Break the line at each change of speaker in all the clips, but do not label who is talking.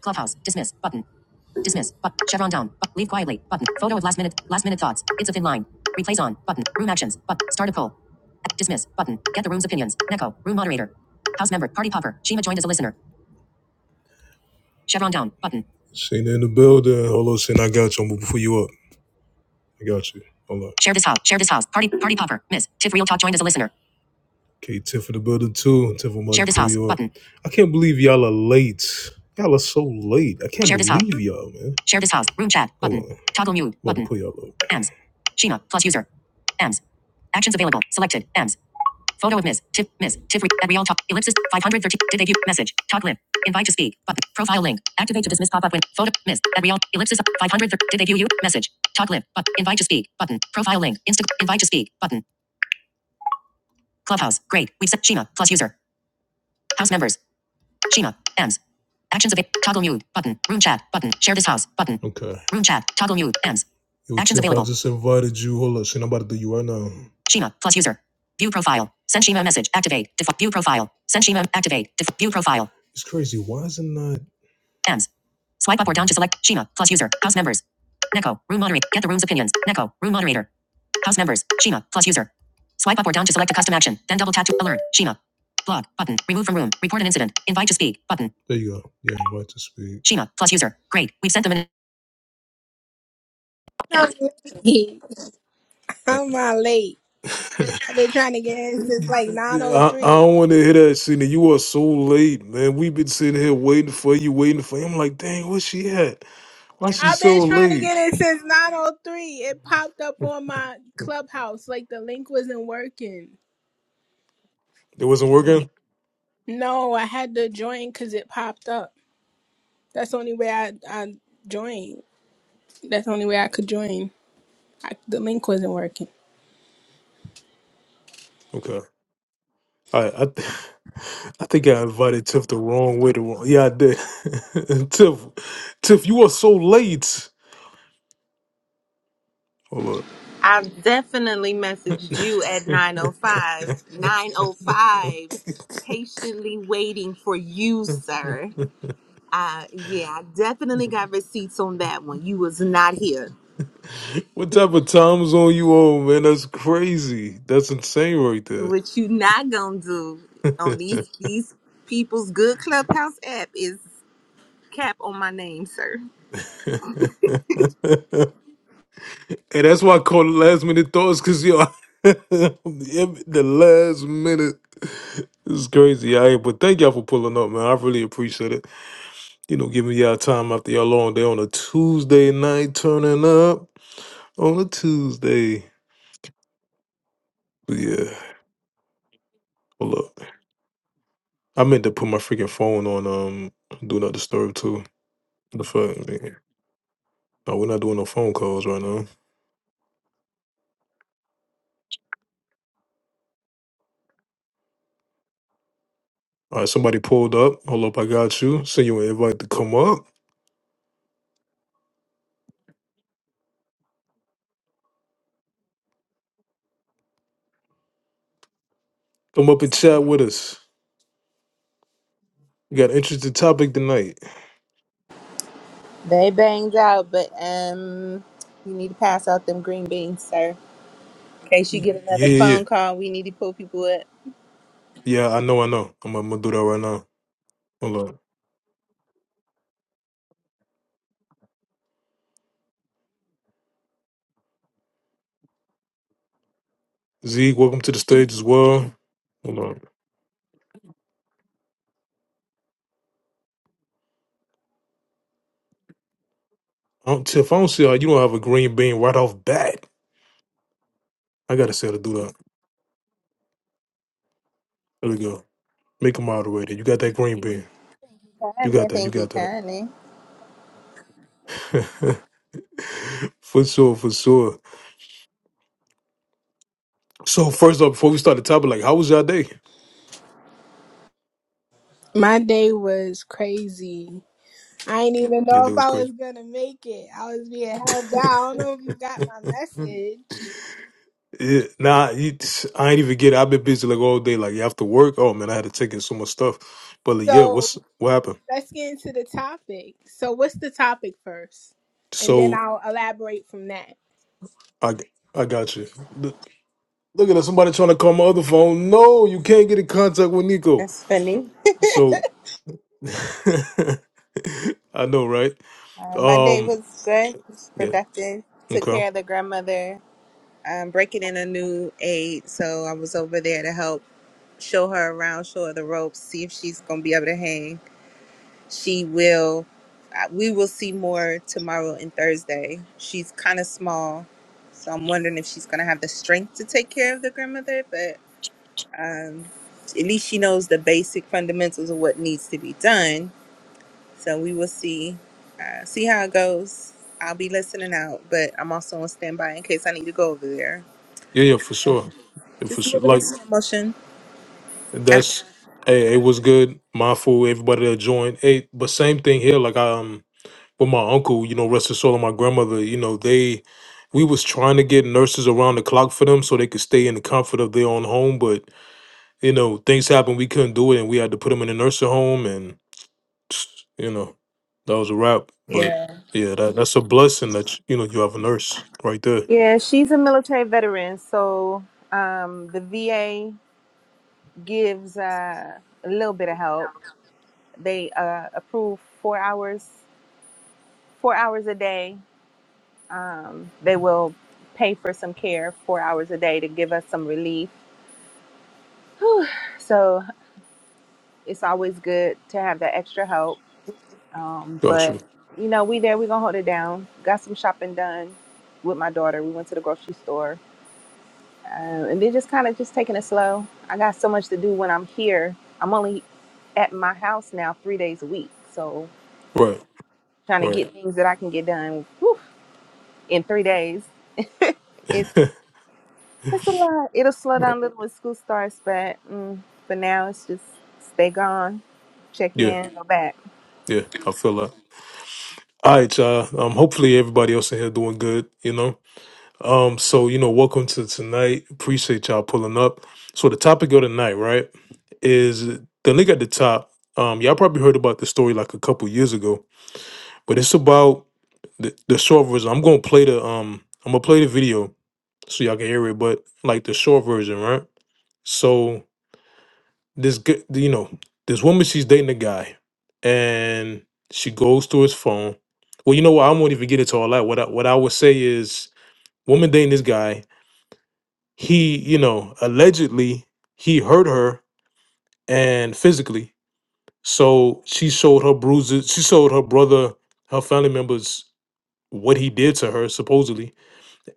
Clubhouse. Dismiss. Button. Dismiss. But chevron down. But leave quietly. Button. Photo of last minute. Last minute thoughts. It's a thin line. Replace on. Button. Room actions. But start a poll. Dismiss. Button. Get the room's opinions. Neko. Room moderator. House member. Party popper. Shima joined as a listener. Chevron down. Button. Seen in the building. Hold on, Sin. I got you. I'm gonna before you up. I got you. Hold on. Share this house. Share this house. Party. Party popper. Miss. Tiff Real Talk joined as a listener. Okay, Tiff in the building too. Tiff, I'm Share this house you up. button. I can't believe y'all are late. Y'all are so late. I can't Share this house. believe y'all, man. Share this house. Room chat button. Hold on. Toggle mute I'm about to button. pull y'all up. AMS. Sheena plus user. AMS. Actions available. Selected. AMS. Photo of Ms. Tiff. Ms. Tiff. Re- at real talk. Ellipsis. 530. Did they view? Message. Talk lib. Invite to speak. Button. Profile link. Activate to dismiss pop-up when. Photo. Ms. At real. Ellipsis. 530. Did they view you? Message. Talk lib. But invite to speak. Button. Profile link. Insta. Invite to speak. Button. Clubhouse. Great. We've set Sheena plus user. House members. Sheena. Ems. Actions available. Toggle mute. Button. Room chat. Button. Share this house. Button. Okay. Room chat. Toggle mute. Ems. Yo, Actions available. I just invited you. Hold up, shit, I'm about to do you right now. Sheena. Plus user. View profile. Send Sheena message. Activate. Default. View profile. Send Sheena. Activate. Def- view profile. It's crazy. Why is it not? Ends. Swipe up or down to select Shima plus user. House members. Neko. Room moderator. Get the room's opinions. Neko. Room moderator. House members. Shima plus user. Swipe up or down to select a custom action. Then double tap to alert. Shima. Blog button. Remove from room. Report an incident. Invite to speak button. There you go. Yeah, invite to speak. Shima plus user. Great. We've sent them an.
I'm
Yes.
late.
I,
I'm not late. I've been trying to get in since like
I
903.
don't want to hear that, Cena. You are so late, man. We've been sitting here waiting for you, waiting for you. I'm like, dang, where's she at? Why she
I've been
so
trying to
late?
get in since 903. It popped up on my clubhouse. Like the link wasn't working.
It wasn't working?
No, I had to join because it popped up. That's the only way I, I joined. That's the only way I could join. I, the link wasn't working.
Okay. I I, th- I think I invited Tiff the wrong way. The wrong yeah, I did. Tiff, Tiff, you are so late. Hold up.
I've definitely messaged you at 905. 905. Patiently waiting for you, sir. Uh yeah, I definitely got receipts on that one. You was not here.
what type of time zone you on, man? That's crazy. That's insane right there.
What you not gonna do on
and
these these people's good clubhouse app is cap on my name, sir.
that's why I call it last minute thoughts, cause yo, the last minute. This is crazy, yeah. But thank y'all for pulling up, man. I really appreciate it. you know, giving y'all time after y'all long day on a Tuesday night, turning up on a Tuesday. But yeah, hold up. I meant to put my freaking phone on um do not disturb too. The fuck, man. No, we're not doing no phone calls right now. All right, somebody pulled up. Hold up, I got you. Send you an invite to come up. Come up and chat with us. We got an interesting topic tonight.
They banged out, but um you need to pass out them green beans, sir. In case you get
Yeah,
another
yeah, yeah.
phone call, we need to pull people up.
Yeah, I know, I know. I'm, I'm gonna do that right now. Hold up. Zeke, welcome to the stage as well. Hold on. Um, so if I don't see how you don't have a green bean right off bat, I gotta say to do that. There we go. Make him out of the way. There. You got that green bean. You
Kindly,
got that. You
thank you,
got
kindly.
that. for sure. For sure. So first off, before we start the topic, like, how was your day?
My day was crazy. I didn't even
Your
know
day
if
was
I was
crazy.
gonna make it. I was being held down. I don't know if you got my message.
Yeah, nah, you, I ain't even get it. I've been busy like all day. Like after work, oh man, I had to take in so much stuff. But like, yeah,
So
what's what happened?
let's get into the topic. So, what's the topic first? And then
So
I'll elaborate from that.
I I got you. Look, look at that, somebody trying to call my other phone. No, you can't get in contact with Nico.
That's funny.
So I know, right?
Uh, my day
Um,
was good,
yeah,
productive. Took
okay,
care of the grandmother. I'm breaking in a new aide, so I was over there to help show her around, show her the ropes, see if she's gonna be able to hang. She will. uh, We will see more tomorrow and Thursday. She's kind of small, so I'm wondering if she's gonna have the strength to take care of the grandmother. But um, at least she knows the basic fundamentals of what needs to be done. So we will see, uh, see how it goes. I'll be listening out, but I'm also on standby in case I need to go over there.
yeah, yeah, for sure, yeah, for
Just
sure.
moving in
Like
slow motion. After,
that's, hey, it was good. Mindful, everybody that joined. Hey, but same thing here. Like um, with my uncle, you know, rest his soul, and my grandmother, you know, they, we was trying to get nurses around the clock for them so they could stay in the comfort of their own home, but you know, things happened. We couldn't do it, and we had to put them in a nursing home, And. you know, that was a wrap. But
yeah.
yeah, that that's a blessing that you, know you have a nurse right there.
Yeah, she's a military veteran, so um, the VA gives uh, a little bit of help. They uh, approve four hours, four hours a day. Um, they will pay for some care, four hours a day, to give us some relief. Whew. So it's always good to have that extra help. Um, but
Gotcha.
you know, we there. We gonna hold it down. Got some shopping done with my daughter. We went to the grocery store, uh, and then just kind of just taking it slow. I got so much to do when I'm here. I'm only at my house now three days a week, so
Right.
trying to
Right.
get things that I can get done whew, in three days. It's it's a lot. It'll slow
right.
down a little when school starts, but mm, for now, it's just stay gone, check
Yeah.
in, go back.
Yeah. I feel that. All right, y'all. Um, hopefully everybody else in here doing good. You know. Um. So you know, welcome to tonight. Appreciate y'all pulling up. So the topic of tonight, right, is the link at the top. Um, y'all probably heard about the story like a couple years ago, but it's about the, the short version. I'm gonna play the um, I'm gonna play the video, so y'all can hear it, but like the short version, right? So this g- you know, this woman she's dating a guy, and she goes through his phone. Well, you know what? I won't even get into all that. What I, what I would say is, woman dating this guy, he you know allegedly he hurt her and physically. So she showed her bruises. She showed her brother, her family members, what he did to her supposedly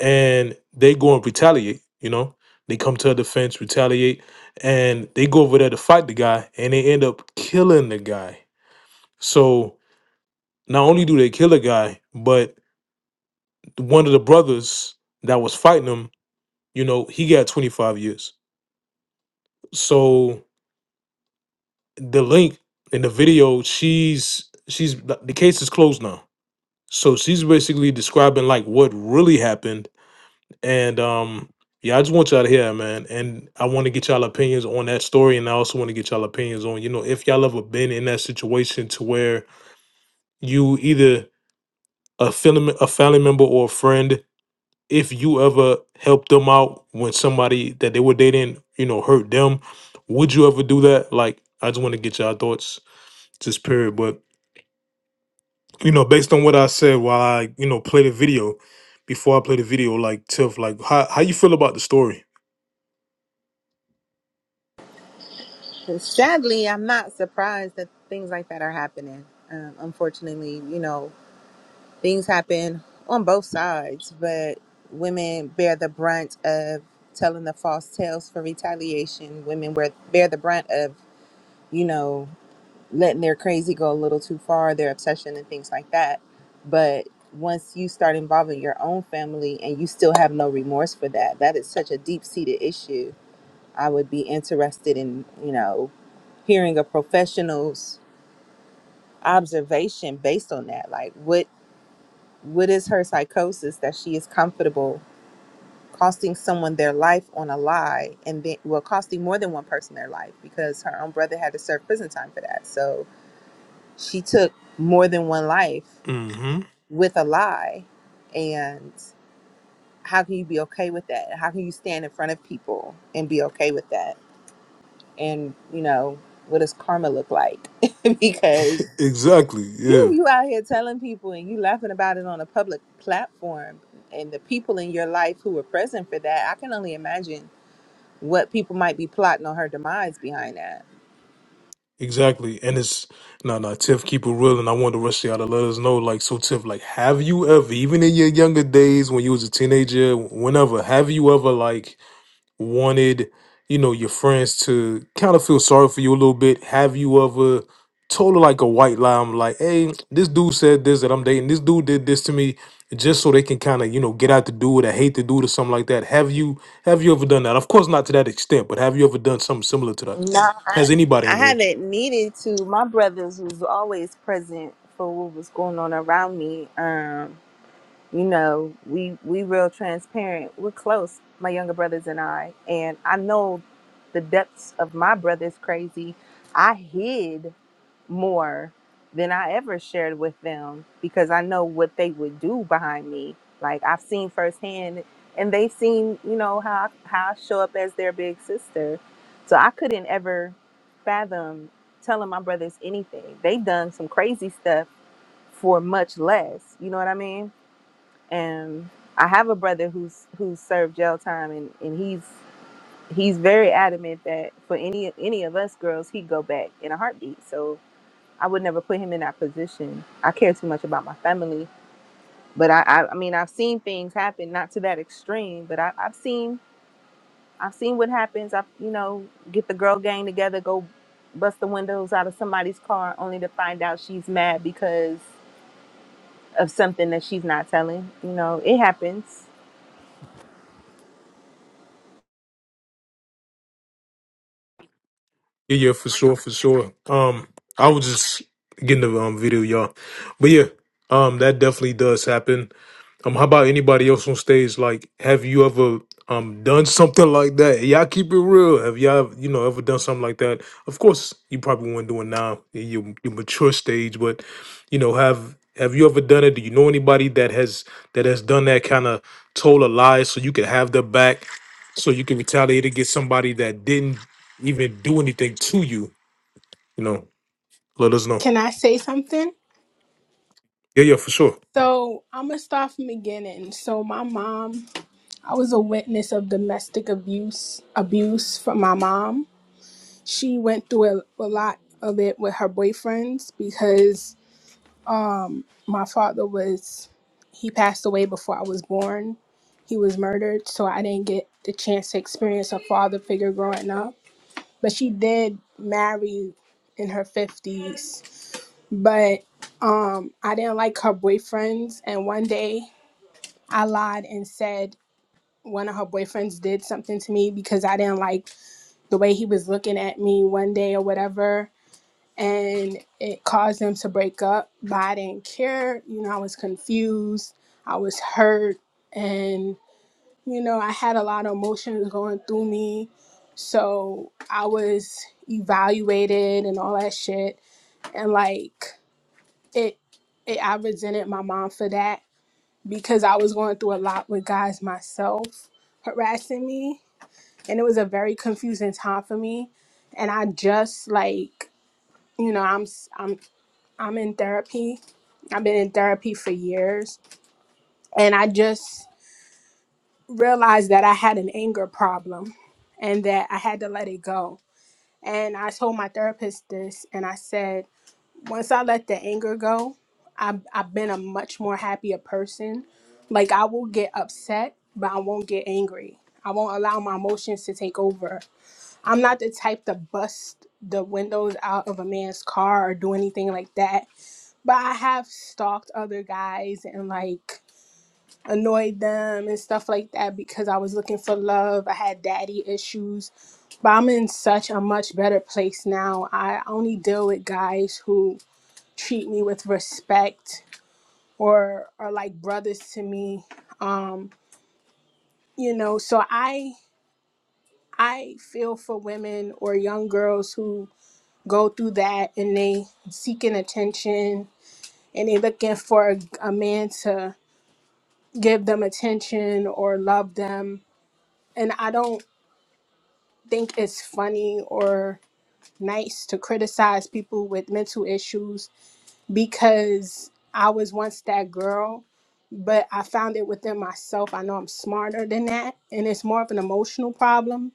and they go and retaliate. You know, they come to her defense, retaliate, and they go over there to fight the guy, and they end up killing the guy. So not only do they kill a guy, but one of the brothers that was fighting him, you know, he got 25 years. So the link in the video, she's she's the case is closed now. So she's basically describing like what really happened And um, yeah, I just want y'all to hear, that, man. And I want to get y'all opinions on that story, and I also want to get y'all opinions on, you know, if y'all ever been in that situation to where you either a family, a family member or a friend, if you ever helped them out when somebody that they were dating, you know, hurt them, would you ever do that? Like, I just want to get y'all thoughts, just period. But you know, based on what I said while I, you know, play the video, before I play the video, like Tiff, like how how you feel about the story?
And Sadly, I'm not surprised that things like that are happening. Um, unfortunately, you know, things happen on both sides, but women bear the brunt of telling the false tales for retaliation. Women wear, bear the brunt of, you know, letting their crazy go a little too far, their obsession and things like that. But once you start involving your own family and you still have no remorse for that, that is such a deep seated issue I would be interested in, you know, hearing a professional's observation based on that. Like what what is her psychosis that she is comfortable costing someone their life on a lie and then well costing more than one person their life because her own brother had to serve prison time for that. So she took more than one life with a lie and how can you be okay with that? How can you stand in front of people and be okay with that? and you know what does karma look like because
Exactly.
you
Yeah.
you out here telling people and you laughing about it on a public platform and the people in your life who were present for that i can only imagine what people might be plotting on her demise behind that
Exactly. And it's no, no. Tiff, keep it real, and I wanted to rush y'all to let us know. Like, so Tiff, like, have you ever, even in your younger days when you was a teenager, whenever, have you ever like wanted, you know, your friends to kind of feel sorry for you a little bit? Have you ever told her like a white lie? I'm like, hey, this dude said this that I'm dating. This dude did this to me just so they can kind of, you know, get out to do dude I hate the dude or something like that. Have you have you ever done that? Of course not to that extent, but have you ever done something similar to that?
No, I,
Has anybody
I
in here?
haven't needed to. My brothers was always present for what was going on around me. Um, you know we we real transparent we're close my younger brothers and i and i know the depths of my brother's crazy i hid more than i ever shared with them because i know what they would do behind me like i've seen firsthand and they've seen you know how how i show up as their big sister so i couldn't ever fathom telling my brothers anything they done some crazy stuff for much less you know what i mean and I have a brother who's who's served jail time, and and he's he's very adamant that for any any of us girls, he'd go back in a heartbeat. So I would never put him in that position. I care too much about my family, but I I, I mean I've seen things happen, not to that extreme, but I, I've seen I've seen what happens. I you know get the girl gang together, go bust the windows out of somebody's car, only to find out she's mad because of something that she's not telling. You know it happens.
Yeah, yeah, for sure, for sure. Um, I was just getting the um video, y'all. But yeah, um, that definitely does happen Um, how about anybody else on stage? Like, have you ever um done something like that? Hey, Y'all keep it real. Have y'all you know ever done something like that? Of course, you probably wouldn't do it now in your, your mature stage, but you know, have have you ever done it? Do you know anybody that has that has done that kind of told a lie so you could have their back, so you can retaliate against somebody that didn't even do anything to you? You know, let us know.
Can I say something?
Yeah, yeah, for sure.
So, I'm going to start from the beginning. So, my mom, I was a witness of domestic abuse, abuse from my mom. She went through a, a lot of it with her boyfriends because um, my father was, he passed away before I was born. He was murdered, so I didn't get the chance to experience a father figure growing up but she did marry in her 50s but um i didn't like her boyfriends and one day i lied and said one of her boyfriends did something to me because i didn't like the way he was looking at me one day or whatever and it caused them to break up but i didn't care you know i was confused i was hurt and you know, I had a lot of emotions going through me. So I was evaluated and all that shit. And like it, it I resented my mom for that because I was going through a lot with guys myself harassing me. And it was a very confusing time for me. And I just like, you know, I'm s- I'm I'm in therapy. I've been in therapy for years. And I just realized that I had an anger problem and that I had to let it go. And I told my therapist this, and I said, once I let the anger go, I've, I've been a much more happier person. Like, I will get upset, but I won't get angry. I won't allow my emotions to take over. I'm not the type to bust the windows out of a man's car or do anything like that. But I have stalked other guys and, like, annoyed them and stuff like that because I was looking for love. I had daddy issues. But I'm in such a much better place now. I only deal with guys who treat me with respect or are like brothers to me. Um, you know, so I I feel for women or young girls who go through that and they seeking attention and they looking for a, a man to give them attention or love them and I don't think it's funny or nice to criticize people with mental issues because I was once that girl, but I found it within myself. I know I'm smarter than that, and it's more of an emotional problem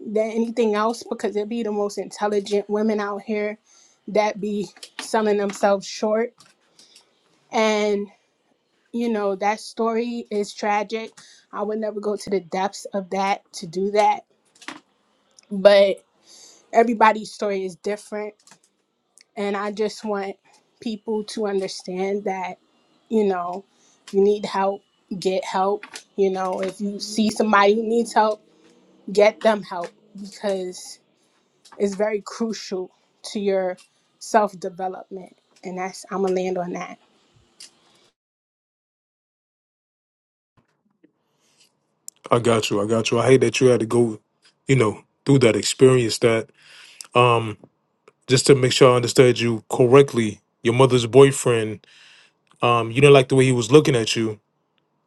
than anything else because it be the most intelligent women out here that be selling themselves short. And, you know, that story is tragic. I would never go to the depths of that to do that, but everybody's story is different And I just want people to understand that, you know, you need help, get help. You know, if you see somebody who needs help, get them help because it's very crucial to your self development. And that's, I'm going to land on that.
I got you. I got you. I hate that you had to go, you know, through that experience. That Um, just to make sure I understood you correctly, your mother's boyfriend, um, you didn't like the way he was looking at you,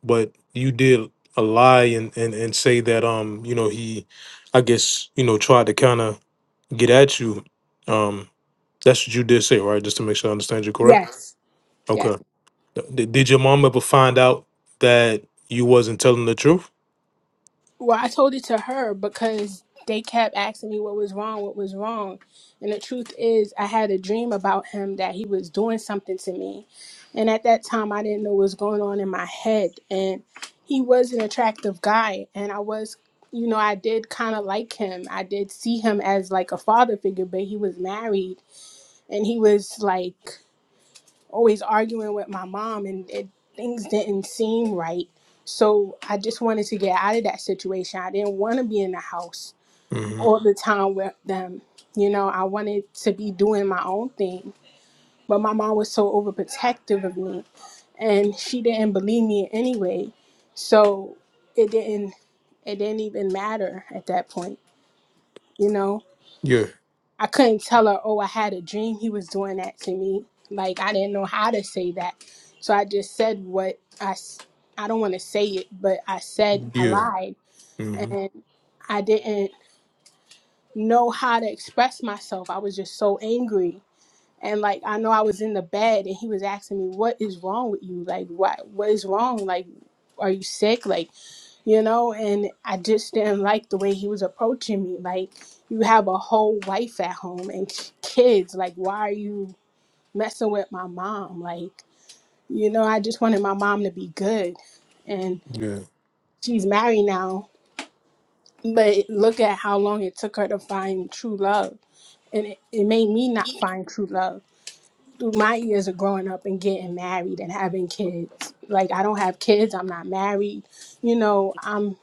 but you did a lie and and, and say that um, you know, he I guess, you know, tried to kinda get at you. Um, that's what you did say, right? Just to make sure I understand you correct.
Yes. Yes.
Okay. D- Did your mom ever find out that you wasn't telling the truth?
Well, I told it to her because they kept asking me what was wrong, what was wrong. And the truth is, I had a dream about him that he was doing something to me. And at that time, I didn't know what was going on in my head. And he was an attractive guy. And I was, you know, I did kind of like him. I did see him as like a father figure, but he was married and he was like, always arguing with my mom and it, things didn't seem right. So I just wanted to get out of that situation. I didn't want to be in the house
hmm
all the time with them. You know, I wanted to be doing my own thing. But my mom was so overprotective of me and she didn't believe me anyway. So it didn't it didn't even matter at that point, you know.
Yeah,
I couldn't tell her, oh, I had a dream he was doing that to me. Like, I didn't know how to say that. So I just said what I, s- I don't want to say it, but I said I
yeah,
lied.
hmm
And I didn't know how to express myself. I was just so angry. And like, I know I was in the bed and he was asking me, what is wrong with you? Like, what, what is wrong? Like, are you sick? Like, you know, and I just didn't like the way he was approaching me. Like, you have a whole wife at home and kids. Like, why are you messing with my mom? Like, you know, I just wanted my mom to be good. And
yeah,
she's married now, but look at how long it took her to find true love. And it, it made me not find true love through my years of growing up and getting married and having kids. Like, I don't have kids, I'm not married. You know, I'm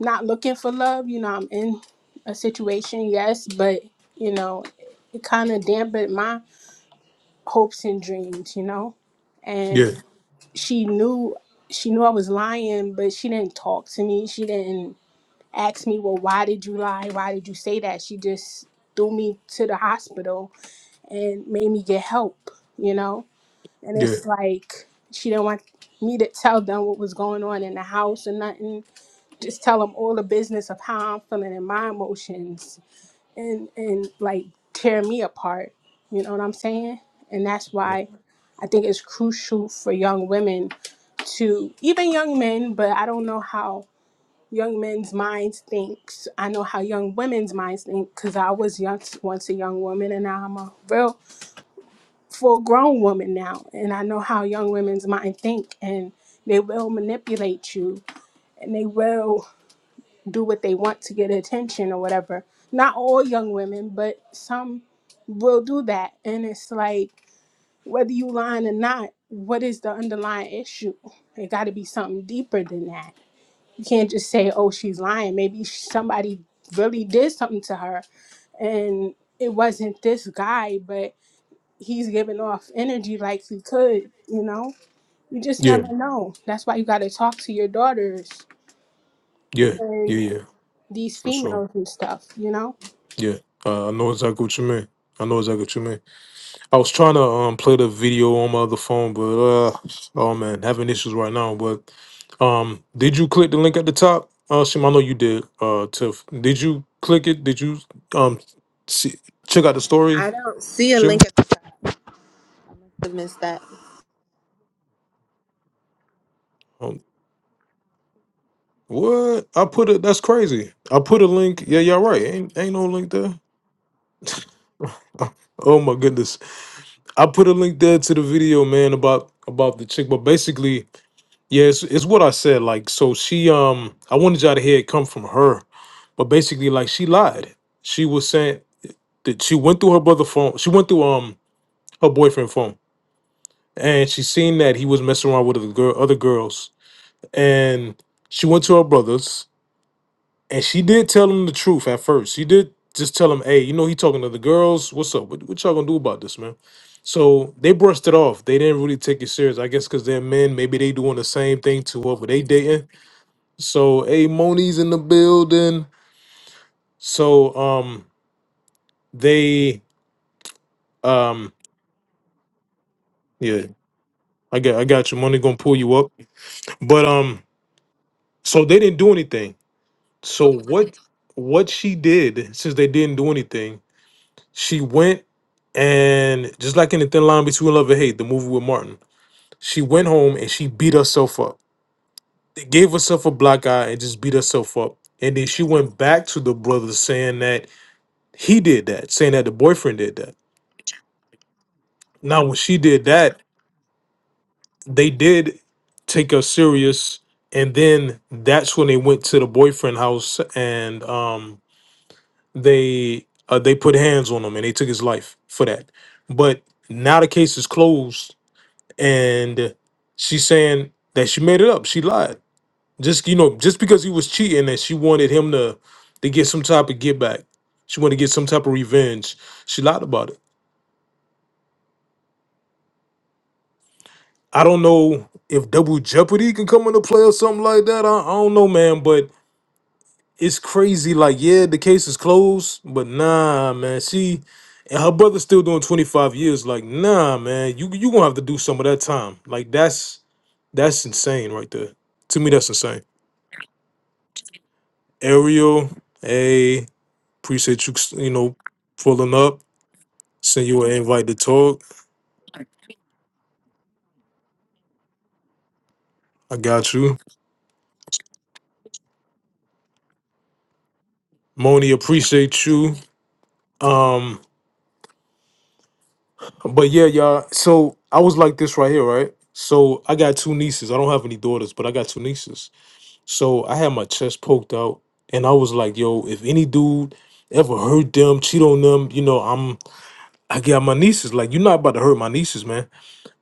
not looking for love. You know, I'm in a situation, yes, but you know, it kind of dampened my hopes and dreams. You know, and
yeah,
she knew she knew I was lying, but she didn't talk to me. She didn't ask me, well, why did you lie? Why did you say that? She just threw me to the hospital and made me get help. You know, and
yeah,
it's like she didn't want me to tell them what was going on in the house or nothing just tell them all the business of how I'm feeling and my emotions and and like tear me apart. You know what I'm saying? And that's why I think it's crucial for young women to even young men, but I don't know how young men's minds thinks. I know how young women's minds think because I was young, once a young woman and now I'm a real full grown woman now. And I know how young women's mind think and they will manipulate you and they will do what they want to get attention or whatever. Not all young women, but some will do that. And it's like, whether you lying or not, what is the underlying issue? It got to be something deeper than that. You can't just say, oh, she's lying. Maybe somebody really did something to her and it wasn't this guy, but he's giving off energy like he could, you know? You just
yeah.
never know. That's why you got to talk to your daughters
Yeah, yeah,
and
yeah,
these
for sure.
females and stuff, you know?
Yeah, uh, I know exactly what you mean. I know exactly what you mean. I was trying to um play the video on my other phone, but uh, oh man, having issues right now. But um, did you click the link at the top? Uh, Shim, I know you did. Uh, Tiff, did you click it? Did you um see check out the
I
story,
don't see a link.
Shima?
I missed that.
Um, what I put it? That's crazy. I put a link. Yeah, y'all right. Ain't ain't no link there. Oh my goodness. I put a link there to the video, man, about about the chick. But basically, Yeah, it's, it's what I said. Like, so she, um, I wanted y'all to hear it come from her, but basically, like, she lied. She was saying that she went through her brother' phone. She went through um her boyfriend phone, and she seen that he was messing around with other girl, other girls, and she went to her brother's, and she did tell him the truth at first. She did just tell him, "Hey, you know he talking to the girls. What's up? What, what y'all gonna do about this, man?" So they brushed it off. They didn't really take it serious. I guess because they're men. Maybe they doing the same thing to whoever they dating So a Moni's in the building. So um they um yeah, I got I got your money gonna pull you up. But um so they didn't do anything. So what what she did since they didn't do anything, she went and just like in the thin line between love and hate, the movie with Martin, she went home and she beat herself up. Gave herself a black eye and just beat herself up. And then she went back to the brother saying that he did that, saying that the boyfriend did that. Now, when she did that, they did take her serious, and then that's when they went to the boyfriend house and um, they uh, they put hands on him and they took his life for that. But now the case is closed, and she's saying that she made it up. She lied. Just you know, just because he was cheating, and she wanted him to to get some type of get back. She wanted to get some type of revenge. She lied about it. I don't know if double jeopardy can come into play or something like that. I, I don't know, man, but it's crazy. Like, yeah, the case is closed, but nah, man. She and her brother's still doing 25 years. Like, nah, man, you you gonna have to do some of that time. Like, that's that's insane right there. To me, that's insane. Ariel, hey, appreciate you, you know, pulling up. Send you an invite to talk. I got you. Moni, appreciate you. Um, But yeah, y'all. So I was like this right here, right? So I got two nieces. I don't have any daughters, but I got two nieces. So I had my chest poked out, and I was like, "Yo, if any dude ever hurt them, cheat on them, you know, I'm I got my nieces. Like, you're not about to hurt my nieces, man."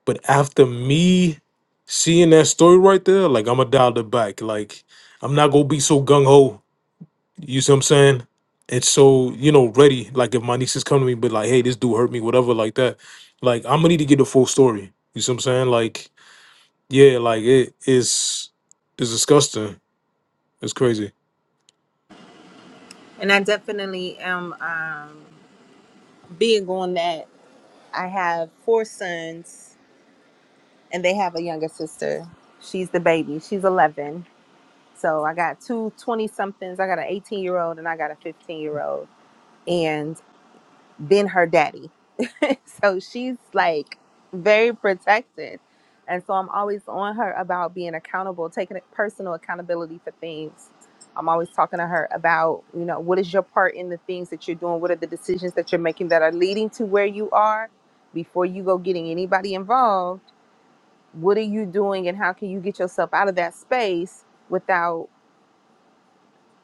But after me seeing that story right there, like I'm going to dial it back. Like, I'm not gonna be so gung ho you see what I'm saying? it's so, you know, ready. Like if my nieces come to me, but like, hey, this dude hurt me, whatever, like that. Like I'm gonna need to get the full story. You see what I'm saying? Like, yeah, like it is it's disgusting. It's crazy.
And I definitely am um, big on that. I have four sons, and they have a younger sister. She's the baby. She's 11. So I got two twenty somethings. I got an 18 year old, and I got a 15 year old. than her daddy. so she's like very protected. And so I'm always on her about being accountable, taking personal accountability for things. I'm always talking to her about, you know, what is your part in the things that you're doing? What are the decisions that you're making that are leading to where you are? Before you go getting anybody involved, what are you doing and how can you get yourself out of that space without?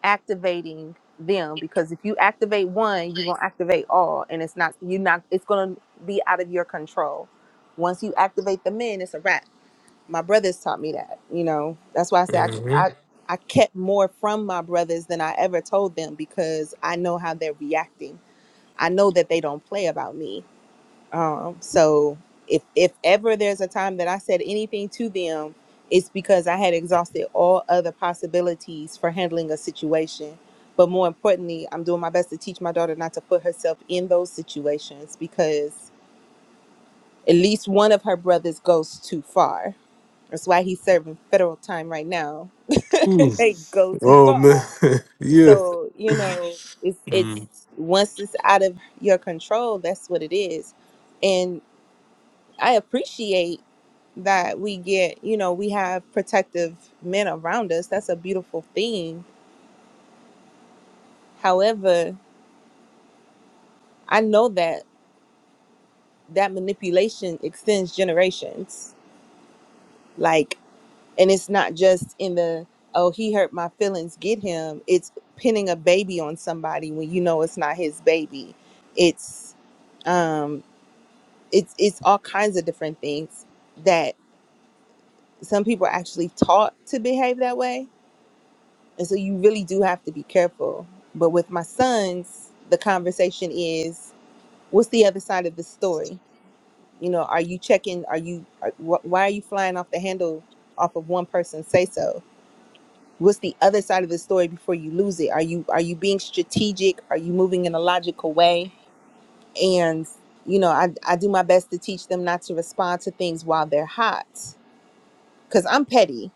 activating them because if you activate one, you're gonna activate all, and it's not you not it's gonna be out of your control. Once you activate the men, it's a wrap. My brothers taught me that. You know, that's why I say I
hmm
I, I kept more from my brothers than I ever told them because I know how they're reacting. I know that they don't play about me um, so if if ever there's a time that I said anything to them, it's because I had exhausted all other possibilities for handling a situation. But more importantly, I'm doing my best to teach my daughter not to put herself in those situations because at least one of her brothers goes too far. That's why he's serving federal time right now. they go too
Oh man,
far.
yeah.
So, you know, it's it's
Mm.
once it's out of your control, that's what it is. And I appreciate that we get, you know, we have protective men around us. That's a beautiful thing. However, I know that that manipulation extends generations. Like, and it's not just in the, oh, he hurt my feelings, get him. It's pinning a baby on somebody when you know it's not his baby. It's, um, it's, it's all kinds of different things that some people are actually taught to behave that way And so you really do have to be careful. But with my sons, the conversation is what's the other side of the story? You know, are you checking? Are you, are, wh- why are you flying off the handle off of one person's say so? What's the other side of the story before you lose it? Are you, are you being strategic? Are you moving in a logical way? And, you know, I, I do my best to teach them not to respond to things while they're hot Cause I'm petty.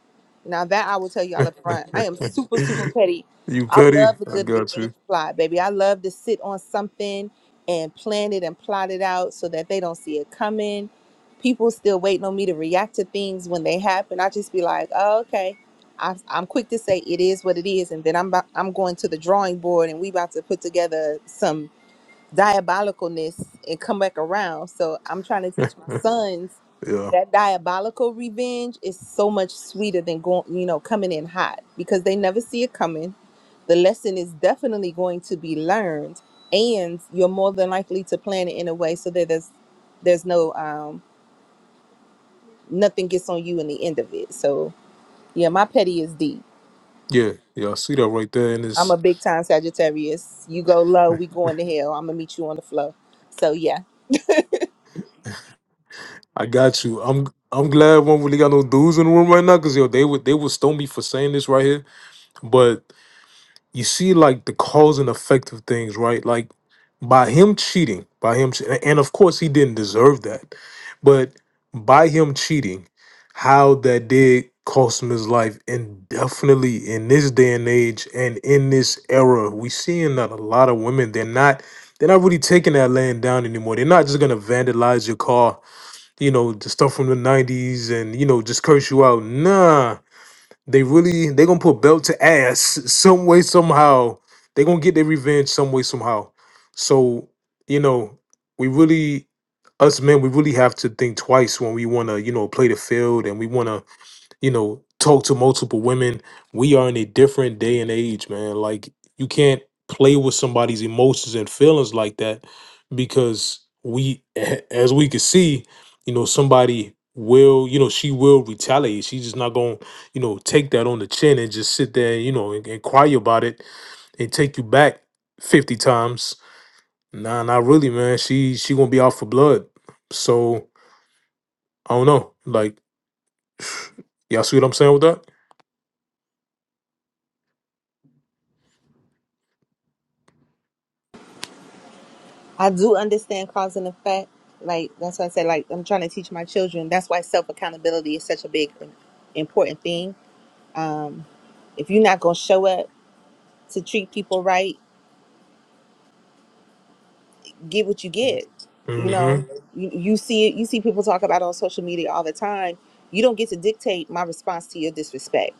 Now that I will tell y'all up front, I am super, super petty.
you
I
petty?
love a
I
good
got
revenge
you.
plot, baby. I love to sit on something and plan it and plot it out so that they don't see it coming. People still waiting on me to react to things when they happen. I just be like, oh, okay. I, I'm quick to say it is what it is, and then I'm about, I'm going to the drawing board, and we about to put together some diabolicalness and come back around. So I'm trying to teach my sons
Yeah,
that diabolical revenge is so much sweeter than going, you know, coming in hot because they never see it coming. The lesson is definitely going to be learned, and you're more than likely to plan it in a way so that there's there's no um nothing gets on you in the end of it. So yeah, my petty is deep.
yeah, yeah. I see that right there, and
I'm
it's
a big time Sagittarius. You go low, we going to hell. I'm gonna meet you on the floor. So yeah.
I got you. I'm I'm glad one really got no dudes in the room right now, cause yo, they would they would stone me for saying this right here. but. you see like the cause and effect of things, right? Like by him cheating, by him, che- and of course he didn't deserve that, but by him cheating, how that did cost him his life, and definitely in this day and age and in this era, we seeing that a lot of women they're not. They're not really taking that laying down anymore. They're not just gonna vandalize your car, you know, the stuff from the '90s, and you know, just curse you out. Nah, they really they gonna put belt to ass some way somehow. They gonna get their revenge some way somehow. So you know we really us men we really have to think twice when we wanna you know play the field and we wanna you know, talk to multiple women. We are in a different day and age, man. Like you can't play with somebody's emotions and feelings like that because we a- as we can see, you know, somebody will, you know, she will retaliate. She's just not going, to you know, take that on the chin and just sit there, you know, and, and cry about it and take you back 50 times. Nah, not really, man. She she going to be out for blood. So, I don't know. Like, y'all see what I'm saying with that?
I do understand cause and effect. Like that's why I said like I'm trying to teach my children. That's why self accountability is such a big and important thing. Um, if you're not gonna show up to treat people right, get what you get. You
mm
know,
Mhm.
you, you see it. You see people talk about it on social media all the time. You don't get to dictate my response to your disrespect,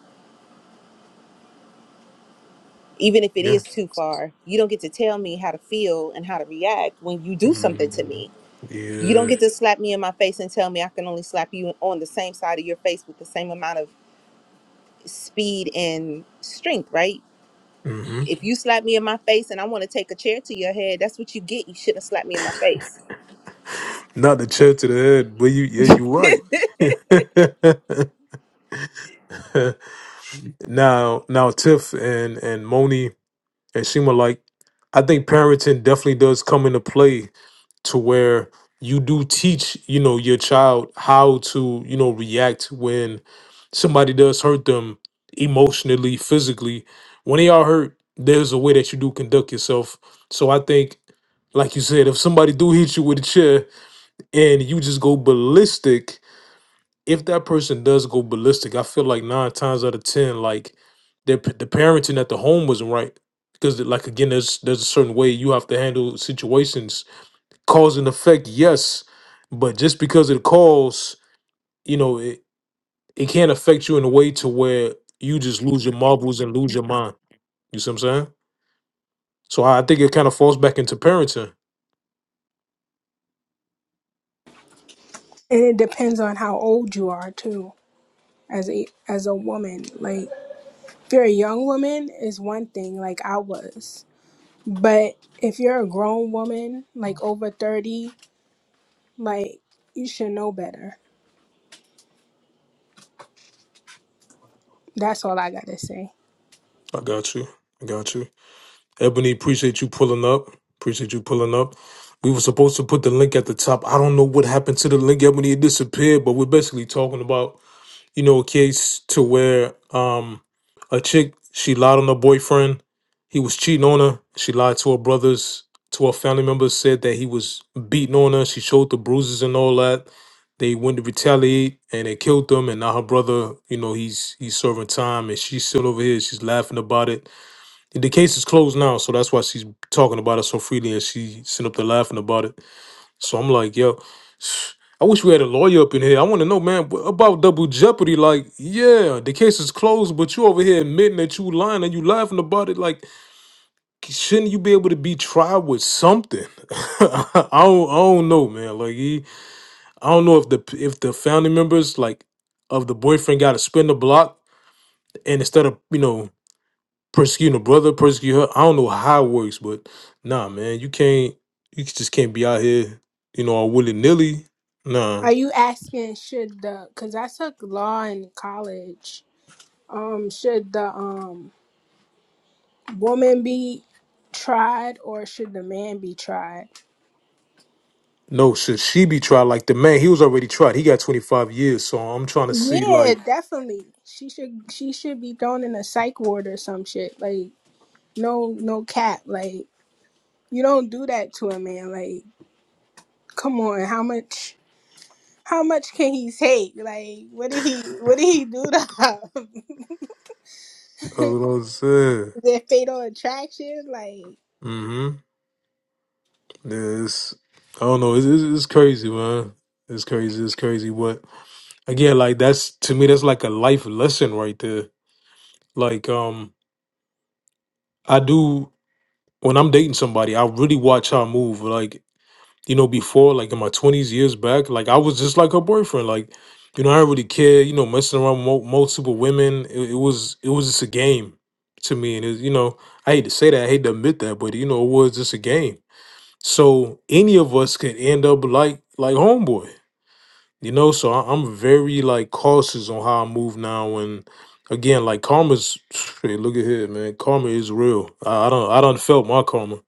even if it
Yeah.
is too far. You don't get to tell me how to feel and how to react when you do something to me
Mhm.
You don't
Yeah.
get to slap me in my face and tell me I can only slap you on the same side of your face with the same amount of speed and strength, right?
hmm
If you slap me in my face and I want to take a chair to your head, that's what you get. You shouldn't slap me in my face.
Not the chair to the head, but you yeah, you right. now now Tiff and and Moni and Shima like I think parenting definitely does come into play to where you do teach, you know, your child how to, you know, react when somebody does hurt them emotionally, physically. When they are hurt, there's a way that you do conduct yourself. So I think like you said, if somebody do hit you with a chair, and you just go ballistic. If that person does go ballistic, I feel like nine times out of ten, like the the parenting at the home wasn't right because, like again, there's there's a certain way you have to handle situations. Cause and effect, yes, but just because it cause, you know, it it can't affect you in a way to where you just lose your marbles and lose your mind. You see what I'm saying? So I I think it kind of falls back into parenting.
and it depends on how old you are too as a as a woman like if you're a young woman is one thing like i was but if you're a grown woman like over 30 like you should know better that's all i gotta say
I got you. I got you. Ebony, appreciate you pulling up. Appreciate you pulling up. We were supposed to put the link at the top. I don't know what happened to the link, Ebony. It disappeared, but we're basically talking about, you know, a case to where um a chick, she lied on her boyfriend. He was cheating on her. She lied to her brothers, to her family members, said that he was beating on her. She showed the bruises and all that. They went to retaliate and they killed them. And now her brother, you know, he's he's serving time and she's still over here. She's laughing about it the case is closed now, so that's why she's talking about it so freely, and she sent up there laughing about it. So I'm like, yo, I wish we had a lawyer up in here. I want to know, man, wh- about double jeopardy. Like, yeah, the case is closed, but you over here admitting that you lying and you laughing about it. Like, shouldn't you be able to be tried with something? I don't, I don't know, man. Like, he, I don't know if the if the family members like of the boyfriend got to spin the block, and instead of you know persecuting a brother, persecuting her. I don't know how it works, but nah, man, you can't. You just can't be out here, you know, all willy nilly. Nah,
are you asking should the because i took law in college um should the um woman be tried or should the man be tried
no. Should she be tried like the man? He was already tried. He got twenty five years. So I'm trying to see,
Yeah,
like,
definitely. She should she should be thrown in a psych ward or some shit. Like no no cap. Like you don't do that to a man. Like come on, how much how much can he take? Like what did he what did he do to her?
uh, what I'm saying.
Their fatal attraction? Like
Mm-hmm. Yeah, it's, I don't know. It's, it's, it's crazy, man. It's crazy. It's crazy. But again, like that's to me, that's like a life lesson right there. Like, um, I do when I'm dating somebody, I really watch how I move. Like you know, before, like in my twenties, years back, like I was just like her boyfriend. Like, you know, I didn't really care. You know, messing around with mul- multiple women, it, it was it was just a game to me. And it, you know, I hate to say that, I hate to admit that, but you know, it was just a game. So any of us could end up like like homeboy. You know, so I, I'm very like cautious on how I move now. And again, like karma's, hey, look at here, man. Karma is real. I, I don't I don't felt my karma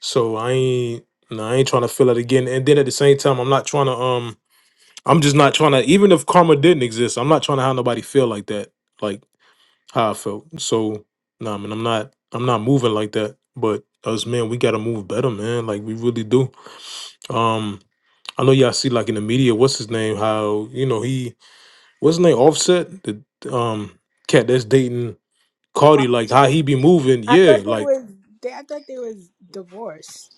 so I ain't no, I ain't trying to feel it again. And then at the same time, I'm not trying to um I'm just not trying to even if karma didn't exist, I'm not trying to have nobody feel like that, like how I felt. So nah man, I'm not I'm not moving like that. But us man, we gotta move better, man. Like we really do. Um I know y'all see like in the media, what's his name? How, you know, he what's his name, offset? The um cat that's dating Cardi, like how
awesome.
he be moving,
I
yeah,
thought they
like
was they, I thought they was divorced.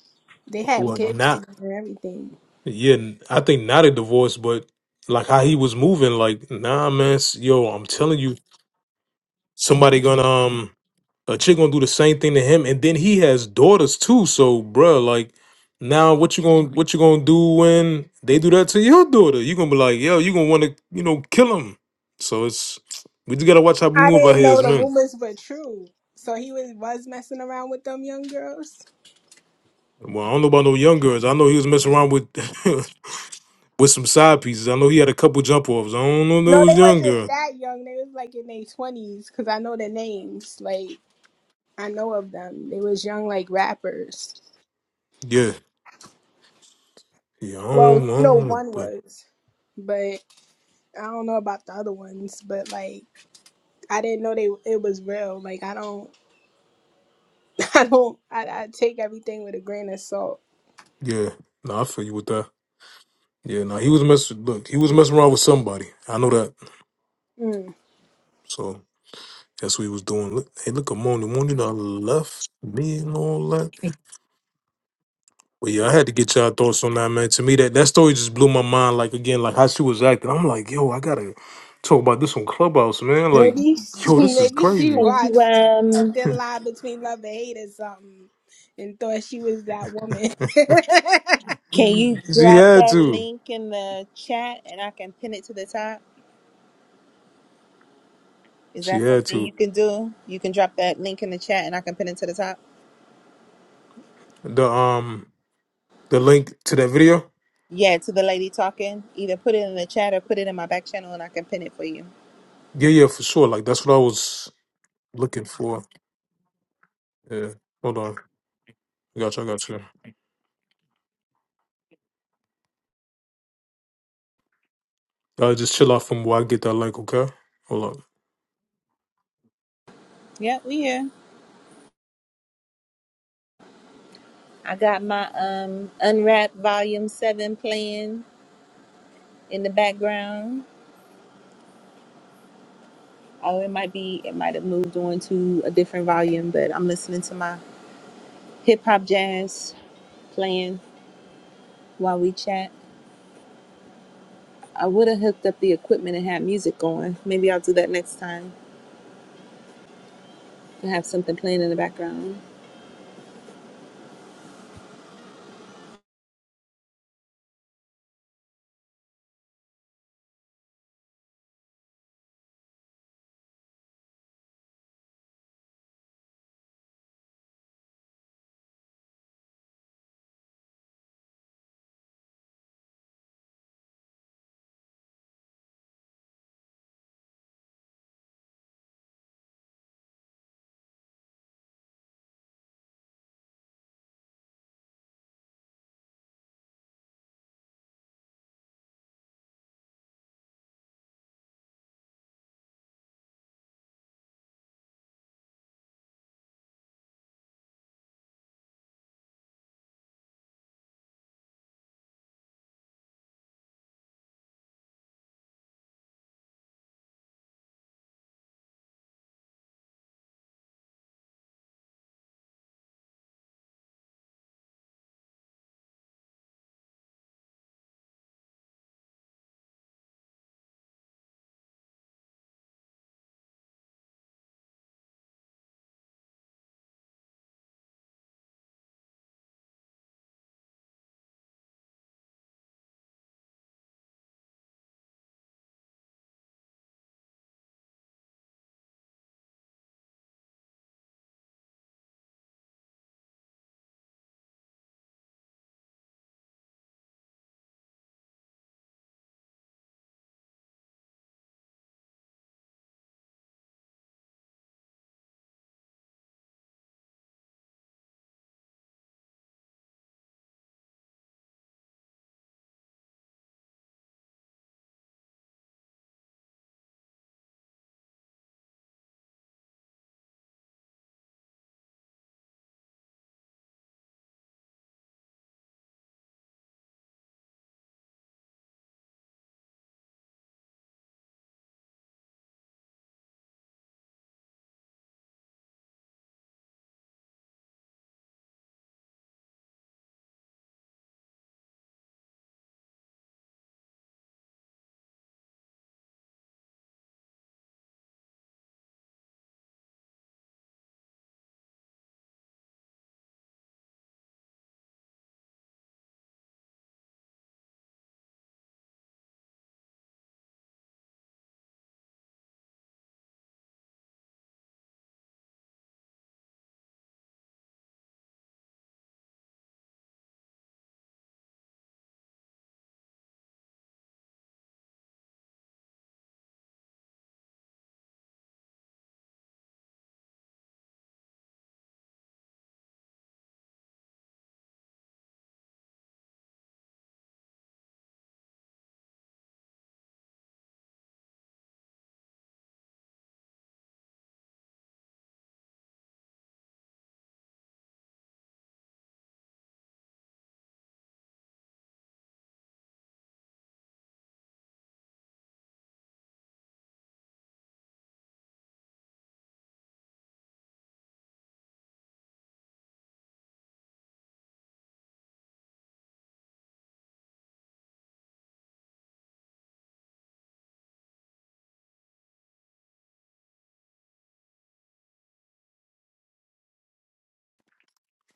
They have
what
kids
now?
together and everything.
Yeah, n- I think not a divorce, but like how he was moving, like, nah, man, s- yo, I'm telling you, somebody gonna um a chick gonna do the same thing to him, and then he has daughters too. So, bruh, like, now what you gonna what you gonna do when they do that to your daughter? You gonna be like, yo, you gonna want to you know kill him. So it's we just gotta watch how we
I
move out
didn't
here
know
as
the
men.
rumors were true. So he was was messing around with them young girls.
Well, I don't know about no young girls. I know he was messing around with with some side pieces. I know he had a couple jump offs. I don't know if it
No, they
was young
wasn't
girl.
that young. They was like in their twenties because I know their names. Like I know of them. They was young, like rappers.
Yeah. Yeah, I
Well,
don't, I
I know
know,
one
but
was, but I don't know about the other ones. But like I didn't know they it was real. Like I don't, I don't, I, I take everything with a grain of salt.
yeah, no, I feel you with that. Yeah, no, he was messing. Look, he was messing around with somebody. I know that.
Mm.
So that's what he was doing. Look, hey, look, Amoni, Amoni, you know, left me and all that. But yeah, I had to get y'all thoughts on that, man. To me, that that story just blew my mind. Like again, like how she was acting. I'm like, yo, I gotta talk about this on Clubhouse, man. Like,
Maybe,
yo, this is
maybe she
crazy.
Can you
watched a
um
thin line between love and hate or something, and thought she was that woman.
can you
she
drop
had
that
to.
link in the chat and I can pin it to the top? Is
She
that
had
something you
to.
can do? You can drop that link in the chat and I can pin it to the top.
The um, the link to that video.
Yeah, to the lady talking. Either put it in the chat or put it in my back channel and I can pin it for you.
Yeah, yeah, for sure. Like that's what I was. looking for. Yeah. Hold on. I got you. I got you. Y'all just chill out from where I get that link, okay? Hold on.
Yeah, we here. I got my um unwrapped volume seven playing in the background. Oh, it might be it might have moved on to a different volume, but I'm listening to my hip hop jazz playing while we chat. I would have hooked up the equipment and had music going. Maybe I'll do that next time and have something playing in the background.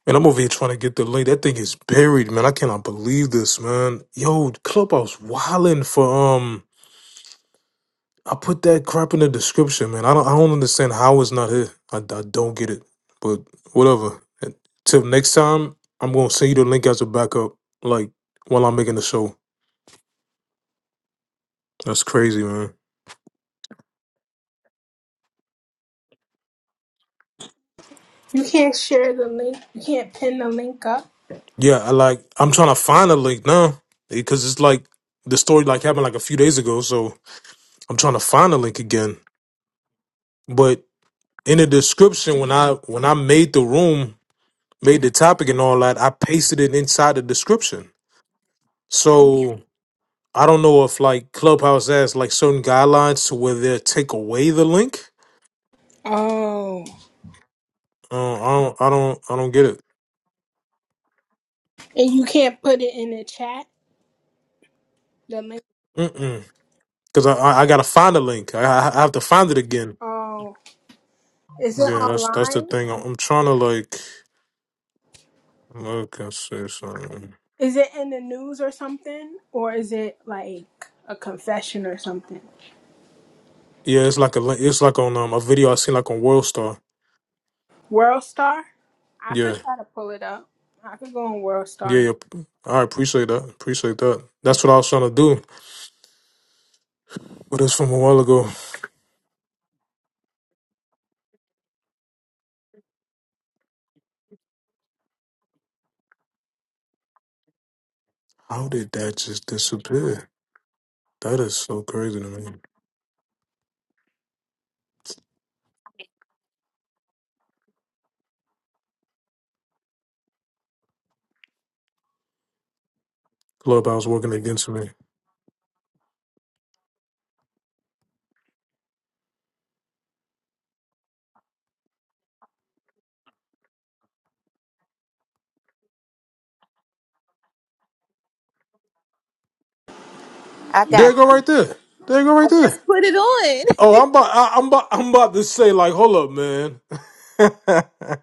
Man, I'm over here trying to get the link. That thing is buried, man. I cannot believe this, man. Yo, Clubhouse wilding for um. I put that crap in the description, man. I don't. I don't understand how it's not here. I, I don't get it. But whatever. And Till next time, I'm gonna send you the link as a backup. Like while I'm making the show. That's crazy, man.
You can't share the link. You can't pin the link up,
Yeah, I like I'm trying to find a link now because it's like the story like happened like a few days ago, so I'm trying to find a link again. But in the description when I when I made the room, made the topic and all that, I pasted it inside the description. So I don't know if like Clubhouse has like certain guidelines to where they take away the link.
Oh,
Uh, I don't I don't I don't get it.
and you can't put it in the chat. The link.
Mm-mm. Cause I I, I gotta find a link. I I I have to find it again.
oh, Is it
Yeah, that's that's the
online?
thing. I'm I'm trying to like. Okay, and see something.
Is it in the news or something? Or is it like a confession or something?
Yeah, it's like a li- it's like on um a video I seen like on World Star.
World Star? I could
Yeah,
try to pull it up. I could go on World
yeah,
Star.
yeah. I appreciate that. Appreciate that. That's
Okay.
what I was trying to do. But it's from a while ago. How did that just disappear? That is so crazy to me. Clubhouse working against me.
I
There
got
you go
you.
right there. There you go
I
right there.
just put it on.
Oh, I'm about I, I'm about I'm about to say like, hold up, man.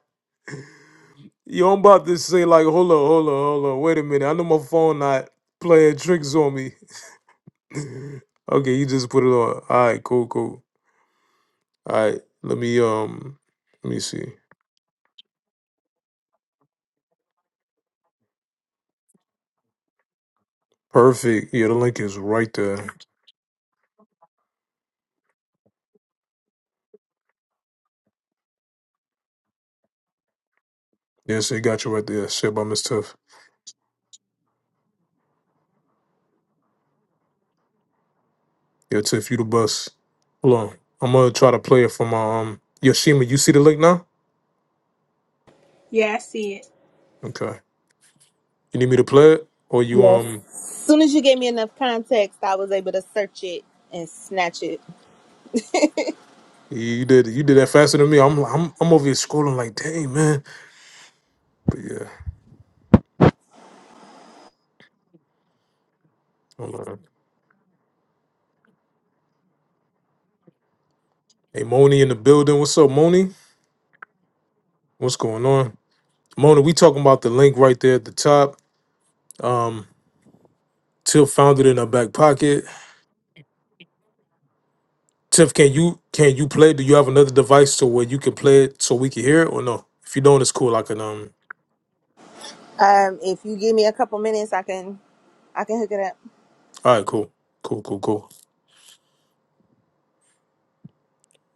Yo, I'm about to say like, hold up, hold up, hold up. Wait a minute. I know my phone not playing tricks on me. Okay, you just put it on. All right, cool, cool. All right, let me um, let me see. Perfect. Yeah, the link is right there. Yes, it got you right there. Shit by Miss Tiff. Yeah, Tiff, you the bus. Hold on, I'm gonna try to play it for my um Yoshima. You see the link now?
Yeah, I see it.
Okay. You need me to play it, or you
Yes.
um,
As soon as you gave me enough context, I was able to search it and snatch it.
you did you did that faster than me. I'm I'm I'm over here scrolling like, dang man. But yeah, hold on. Hey, Moni in the building. What's up, Moni? What's going on, Moni? We talking about the link right there at the top. Um, Tiff found it in her back pocket. Tiff, can you can you play? Do you have another device to where you can play it so we can hear it or no? If you don't, it's cool. I can um.
Um, if you give me a couple minutes, I can I can hook it up.
All right, cool, cool, cool, cool.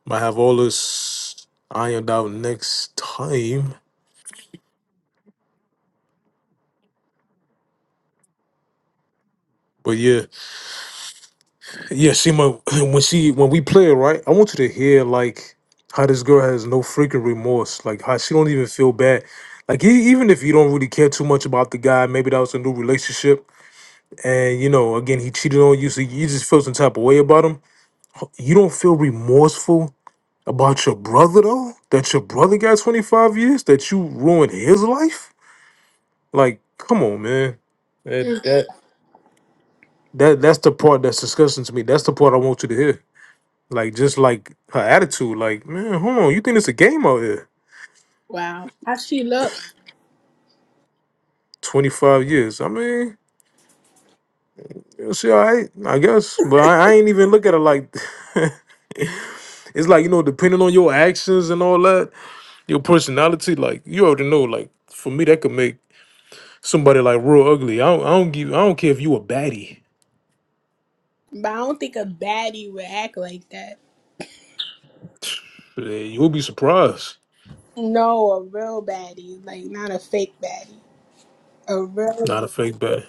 Might have all this ironed out next time. But yeah, yeah. See, my when she when we play it right, I want you to hear like how this girl has no freaking remorse. Like how she don't even feel bad. Like e- even if you don't really care too much about the guy, maybe that was a new relationship, and you know, again, he cheated on you, so you just feel some type of way about him you don't feel remorseful about your brother though? That your brother got 25 years? That you ruined his life? Like, come on, man. That
Mm.
that that that's the part that's disgusting to me. That's the part I want you to hear. Like just like her attitude, like, man, hold on, you think it's a game out here.
Wow. How she look?
25 years. I mean, she all right, I guess. But I, I ain't even look at it like it's like, you know, depending on your actions and all that, your personality, like you already know, like for me that could make Somebody like real ugly. I don't, I don't give. I don't care if you a baddie.
But I don't think a baddie would act like that.
Eh, You'll be surprised.
No, a real baddie. Like not a fake baddie. A real
Not a fake baddie.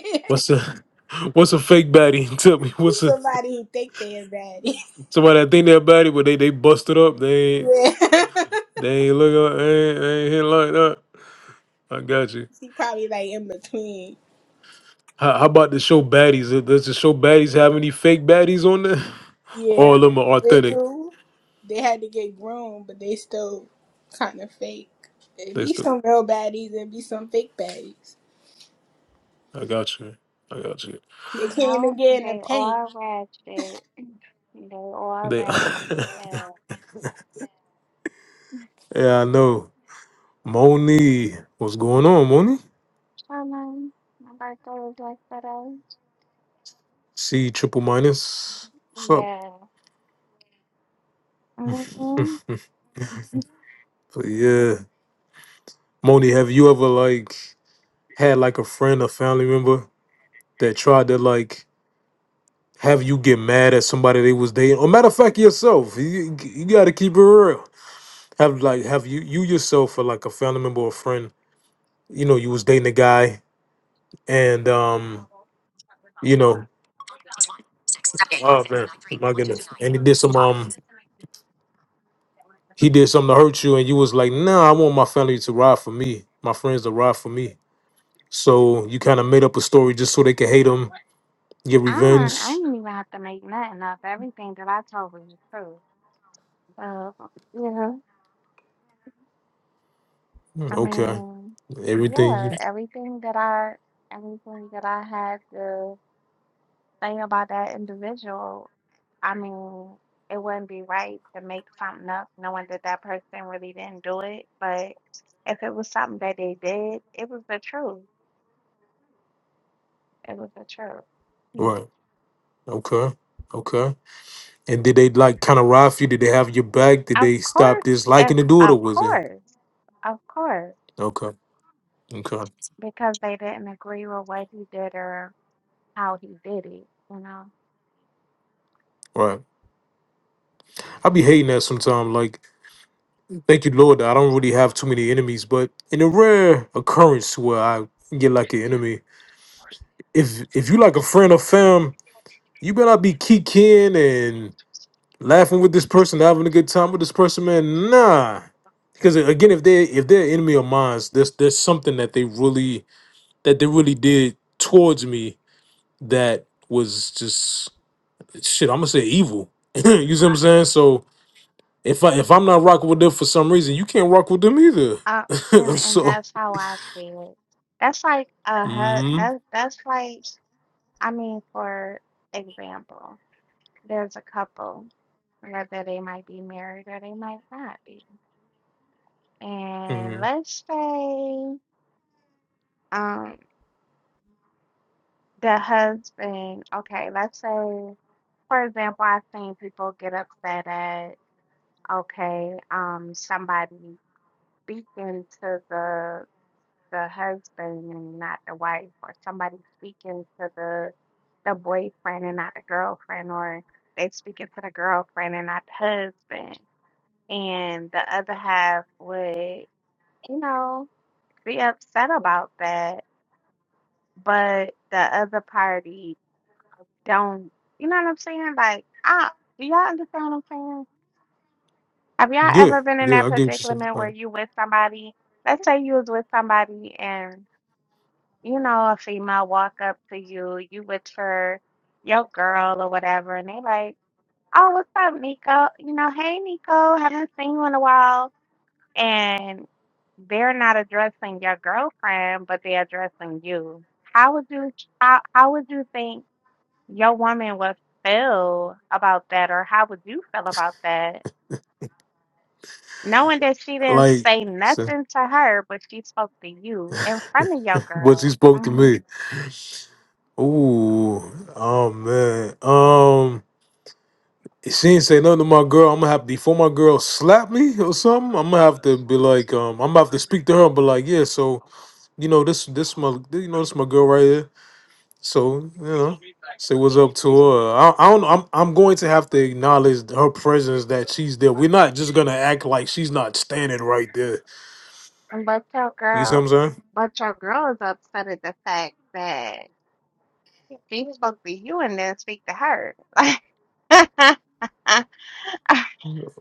What's a What's a fake baddie? Tell me. What's a
Somebody who think they're bad.
somebody that think they're baddie, but they they busted up. They ain't
yeah.
they ain't look like they ain't, they ain't hit like that. I got you.
she probably like in between.
How, how about the show baddies? Does the show baddies have any fake baddies on there? All
Yeah.
of them are
They
authentic.
do. They had to get grown, but they still kind of fake. It
They
be
still.
some real baddies and be some fake baddies.
I got you. I got you.
They can't
No,
even get in the
they
paint.
are ratchet. They are
They.
ratchet because
yeah, I know. Moni, what's going on, Moni?
Sherman, my birthday was yesterday.
C triple minus. What's up?
Yeah. hmm
But yeah. Moni, have you ever like had like a friend or family member that tried to like have you get mad at somebody they was dating? Or matter of fact, yourself. You, you gotta keep it real. Have like have you you yourself or like a family member or friend, you know, you was dating a guy and um, you know, Oh man, my goodness! And he did some um, he did something to hurt you, and you was like, "Nah, I want my family to ride for me, my friends to ride for me." So you kind of made up a story just so they could hate him, get
I don't, I
revenge.
didn't even have to make nothing up. Everything that I told was the truth. Uh, yeah,
Mm,
I
Okay,
mean,
everything
yeah,
you
everything that I, everything that I had to. thing about that individual, I mean, it wouldn't be right to make something up knowing that that person really didn't do it. But if it was something that they did, it was the truth. It was the truth. Mm.
right. Okay, okay. And did they like kind of ride for you? Did they have your back? Did
Of
they stop
course, of
disliking to do it,
of
or was it
course, of course,
okay? Okay,
because they didn't agree with what he did or how he did it, you know.
right. I be hating that sometimes. Like, thank you, Lord, that I don't really have too many enemies. But in a rare occurrence where I get like an enemy, if if you like a friend or fam, you better not be kikiing laughing with this person, having a good time with this person, man. Nah, because uh, again, if they if they're enemy of mine, there's there's something that they really that they really did towards me that was just shit. I'm gonna say evil. you see what I'm saying? So if I if I'm not rocking with them for some reason, you can't rock with them either.
Uh, and and
so
that's how I see it. That's like a hu-
mhm,
that's that's like I mean, for example. there's a couple, whether they might be married or they might not be. And
mhm.
let's say um the husband, okay, let's say for example, I've seen people get upset at okay, um somebody speaking to the the husband and not the wife, or somebody speaking to the the boyfriend and not the girlfriend, or they speaking to the girlfriend and not the husband. and the other half would, you know, be upset about that, but the other party don't, you know what I'm saying? Like, I, do y'all understand what I'm saying? Have y'all
yeah,
ever been in
yeah,
that
I get what you're saying.
predicament where
Like,
you with somebody, let's say you was with somebody and, you know, a female walk up to you, you with her, your girl or whatever, and they like, oh, what's up, Nico? You know, hey, Nico, haven't seen you in a while and they're not addressing your girlfriend, but they're addressing you. How would you how, how would you think your woman would feel about that, or how would you feel about that, knowing that she didn't
like
say
so,
nothing to her, but she spoke to you in front of your
what he
girl,
spoke to
hmm
me. Ooh, oh man, um, If she ain't say nothing to my girl, I'm gonna have before my girl slap me or something. I'm gonna have to be like, um, I'm gonna have to speak to her, but like, yeah, so you know this, this my, you know this my girl right here. So you know, say what's up to her. I, I don't. I'm I'm going to have to acknowledge her presence that she's there. We're not just gonna act like she's not standing right there.
but your
You see what
girl,
I'm saying?
but your girl is upset at the fact that she spoke to you and didn't speak to her. Like,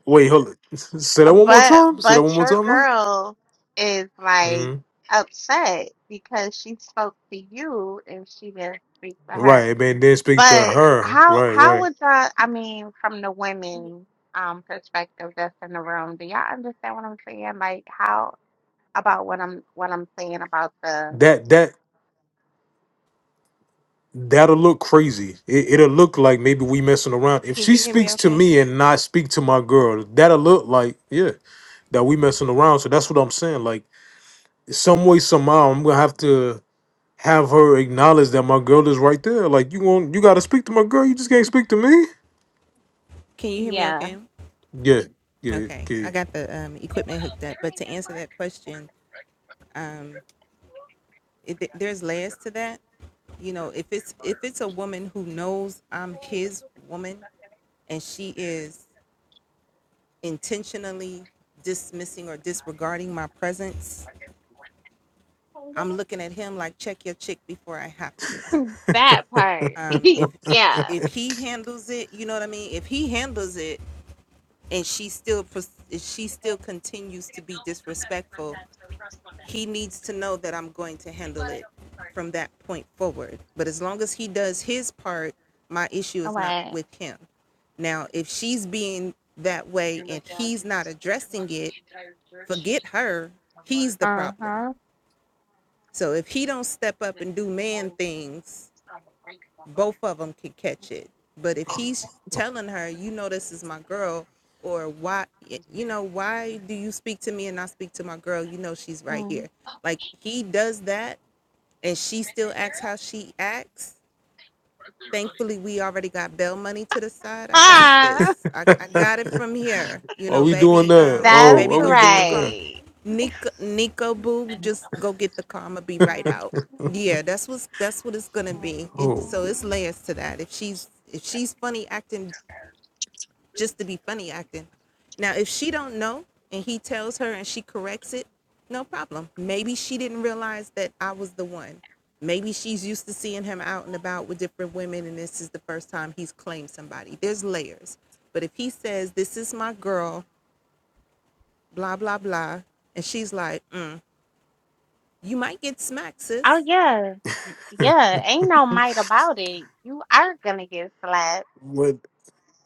Wait, hold on. Say that one more
But
time. Say that
but
one more
your
time, now.
girl is like
hmm
upset because she spoke to you and she didn't speak to her.
Right, man. Then speak to
But
her.
how
Right,
how
right.
would y'all I mean from the women um perspective that's in the room, do y'all understand what I'm saying? Like how about what I'm what I'm saying about the
That that that'll look crazy. It, it'll look like maybe we messing around. If
Can
she
you hear me
speaks to
okay?
me and not speak to my girl, that'll look like yeah that we messing around. So that's what I'm saying. Like some way somehow I'm gonna have to have her acknowledge that my girl is right there. Like you want you gotta speak to my girl. You just can't speak to me.
Can you hear me
yeah.
okay?
Yeah, yeah,
Okay, I
okay.
got the um, equipment hooked up. But to answer that question, um, it, there's layers to that. You know, if it's if it's a woman who knows I'm his woman and she is intentionally dismissing or disregarding my presence, I'm looking at him like check your chick before I have to.
That part.
Um, if
yeah.
if he handles it, you know what I mean. If he handles it and she still pers- and she still continues to be disrespectful he needs to know that i'm going to handle it from that point forward but as long as he does his part my issue is not
Like,
with him now if she's being that way and he's not addressing it forget her he's the problem
uh-huh.
so if he don't step up and do man things both of them could catch it. But if he's telling her, you know, this is my girl, or why, you know, why do you speak to me and not speak to my girl? You know, she's right
Mm.
here. Like he does that, and she still acts how she acts thankfully we already got bail money to the side i got this i, I got it from here you
are
know
we doing
baby
that?
um
That's
Oh,
baby
are
go
we
get the
doing
car
that?
right.
nico nico boo just go get the car i'ma be right out yeah that's what's that's what it's gonna be it
Oh,
so it's layers to that if she's if she's funny acting just to be funny acting. Now, if she don't know and he tells her and she corrects it, no problem. Maybe she didn't realize that I was the one. Maybe she's used to seeing him out and about with different women and this is the first time he's claimed somebody. There's layers. But if he says, This is my girl, blah, blah, blah, and she's like, mm, You might get smacked, sis.
Oh yeah. Yeah, ain't no might about it. You are gonna get slapped.
what?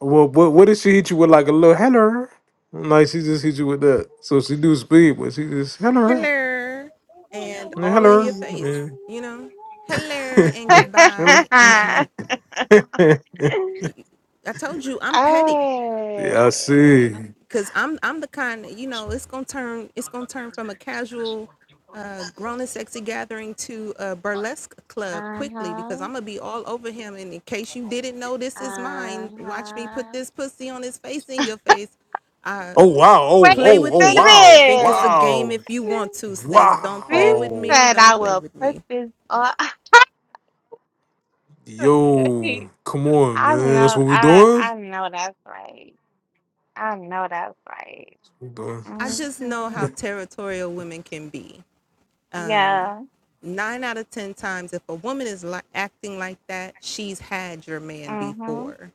Well, what what if she hit you with like a little hello? Like she just hit you with that. So she do speed, but she just hello,
Hello. And
yeah,
all in your face,
hello,
you know? Hello and
yeah. hello.
goodbye. And I told you, I'm petty.
yeah,
oh.
I see.
Cause I'm I'm the kind that, you know it's gonna turn it's gonna turn from a casual, uh, grown and sexy gathering to a burlesque club quickly because
Uh-huh.
I'm gonna be all over him. And in case you didn't know, this is mine. Watch me put
Uh-huh.
this pussy on his face in your face. Uh,
Oh wow! Oh
Wait
play
oh
with
oh
a
me.
wow!
Think it's a
minute.
game
Wow!
if you want to, sis. Don't
This
play with
Wow!
me.
said
Don't
I
play
will
with
put
me.
this on.
Yo, come on,
I
man. That's
know,
what we
I
doing.
I know that's right. I know that's right.
We doing.
I just know how
hmm
territorial women can be. Um,
Yeah.
nine out of ten times if a woman is li- acting like that she's had your man
hmm
before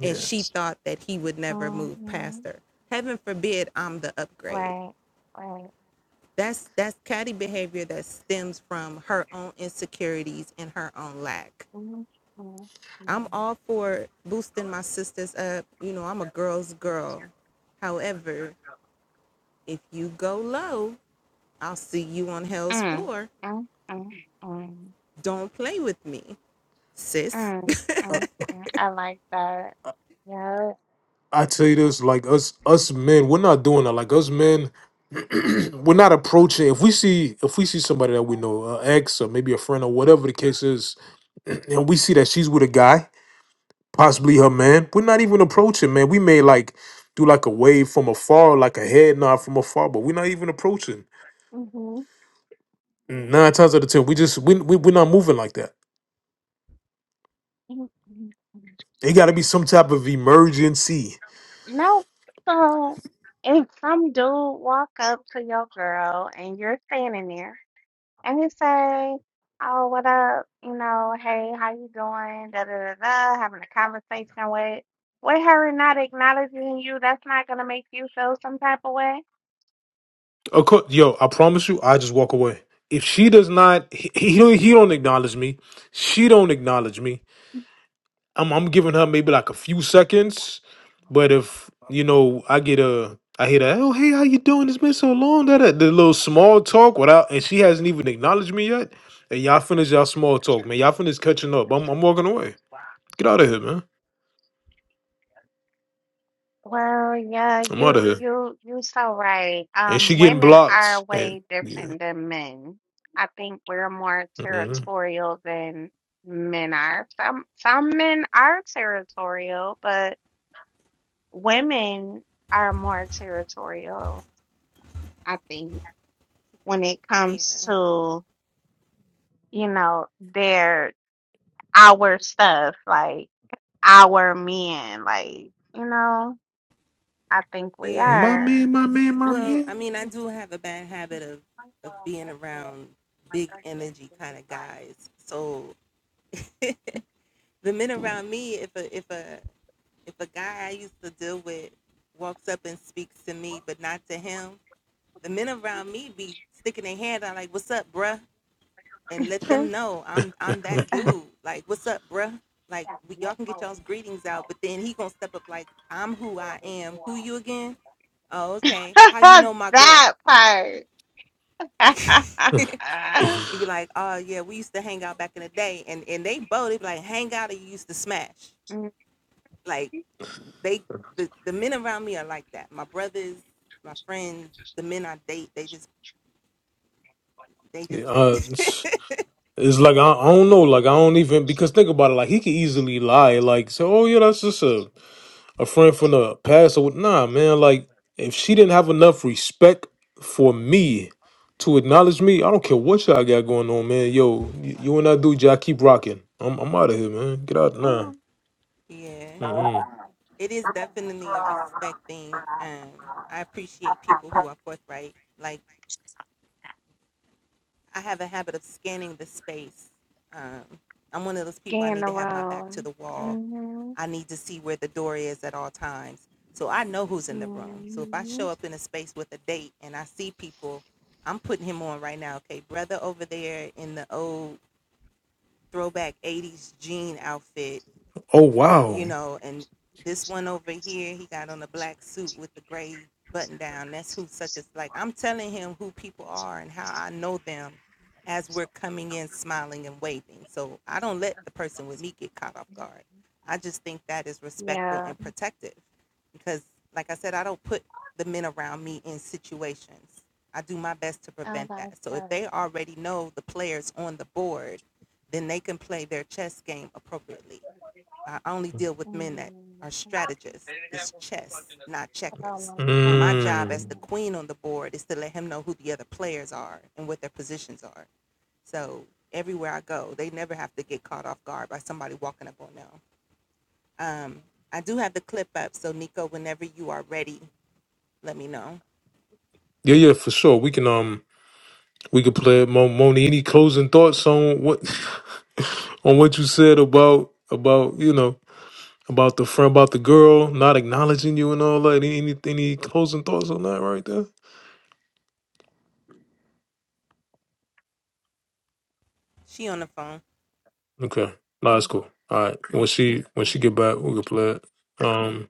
and
Yeah.
she thought that he would never move past
hmm
her heaven forbid i'm the upgrade
Right. Right.
that's that's catty behavior that stems from her own insecurities and her own lack
Mm-hmm.
i'm
Mm-hmm.
all for boosting my sisters up you know i'm a girl's girl however if you go low i'll see you on hell's
Mm.
floor
Mm. Mm. Mm.
don't play with me sis
Mm. Mm. Mm. I like that. Yeah.
I tell you this, like us us men, we're not doing that. Like us men, we're not approaching if we see if we see somebody that we know an ex or maybe a friend or whatever the case is and we see that she's with a guy possibly her man we're not even approaching man we may like do like a wave from afar like a head nod from afar but we're not even approaching
hmm
nine times out of ten we just we, we, we're not moving like that
hmm
it got to be some type of emergency
No. So, if some dude walk up to your girl and you're standing there. and you say, "Oh, what up? You know, hey, how you doing? Da da da da." Having a conversation with with her not acknowledging you, that's not gonna make you feel some type of way.
of course yo i promise you i just walk away if she does not he, he, don't- he don't acknowledge me she don't acknowledge me I'm I'm giving her maybe like a few seconds, but if you know I get a I hear that oh hey how you doing it's been so long that that- the little small talk without and she hasn't even acknowledged me yet and y'all finish y'all small talk man y'all finish catching up I'm I'm walking away get out of here man
Well, yeah,
I'm out
you
of here
you you so right.
and she
Um,
getting
women are
blocked and
way
yeah
different than men. I think we're more
Mhm.
territorial than men are. Some some men are territorial, but women are more territorial, I think. when it
yeah
comes to, you know, their our stuff, like our men, like, you know, I think we
yeah
my
are.
man my man my
Well,
man
I mean, a big the minute if I walk and bruh, like oh,
that part.
yeah uh, It's like I, I don't know, like I don't even because think about it, like he could easily lie, like say, "Oh yeah, that's just a a friend from the past." Or what- nah, man, like if she didn't have enough respect for me to acknowledge me, I don't care what y'all got going on, man. Yo, y- you and that dude, y'all keep rocking. I'm I'm out of here, man. Get out, nah.
Mhm.
Mm-mm.
Scan the world. hmm hmm
Oh wow.
Yeah. I like that. Mm. Hold on, one- hold on one
Mm.
second.
so everywhere I go, they never have to get caught off guard by somebody walking up on them. I do have the clip up, so Nico, whenever you are ready, let me know.
Yeah, yeah, for sure. We can um we could play it. Mo- Moni. Any closing thoughts on what? on what you said about about you know about the friend about the girl not acknowledging you and all that. Any any closing thoughts on that right there? Okay, no, that's cool. All right, when she when she get back, we can play it. Um,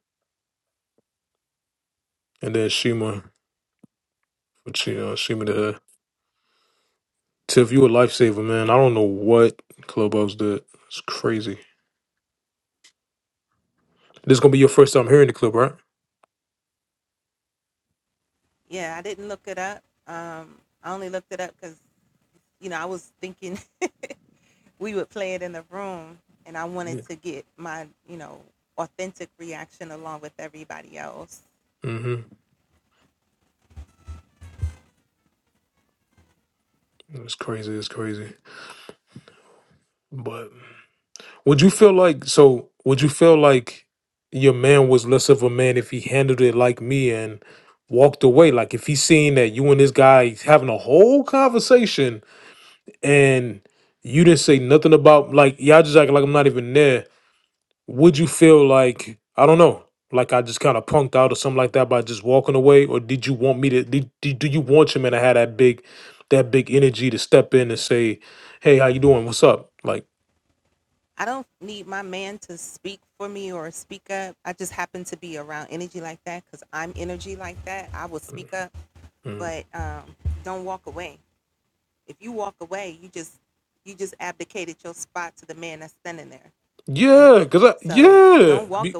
and then Shima, what she uh, Shima to her. Tiff, you a lifesaver, man. I don't know what Clubhouse did. It's crazy. This is gonna be your first time hearing the clip, right?
You know, I was we would play it in the room, and I wanted
Yeah.
to get my you know authentic reaction along with everybody else.
Mm-hmm. It's crazy. It's crazy. But Would you feel like so? Would you feel like your man was less of a man if he handled it like me and walked away? Like if he seen that you and this guy having a whole conversation and you didn't say nothing about like y'all just acting like I'm not even there. Would you feel like I don't know? Like I just kind of punked out or something like that by just walking away, or did you want me to? Did, did do you want your man to have that big, that big energy to step in and say, "Hey, how you doing? What's up?" Like, mm, mm. Yeah, cause I, yeah, Be-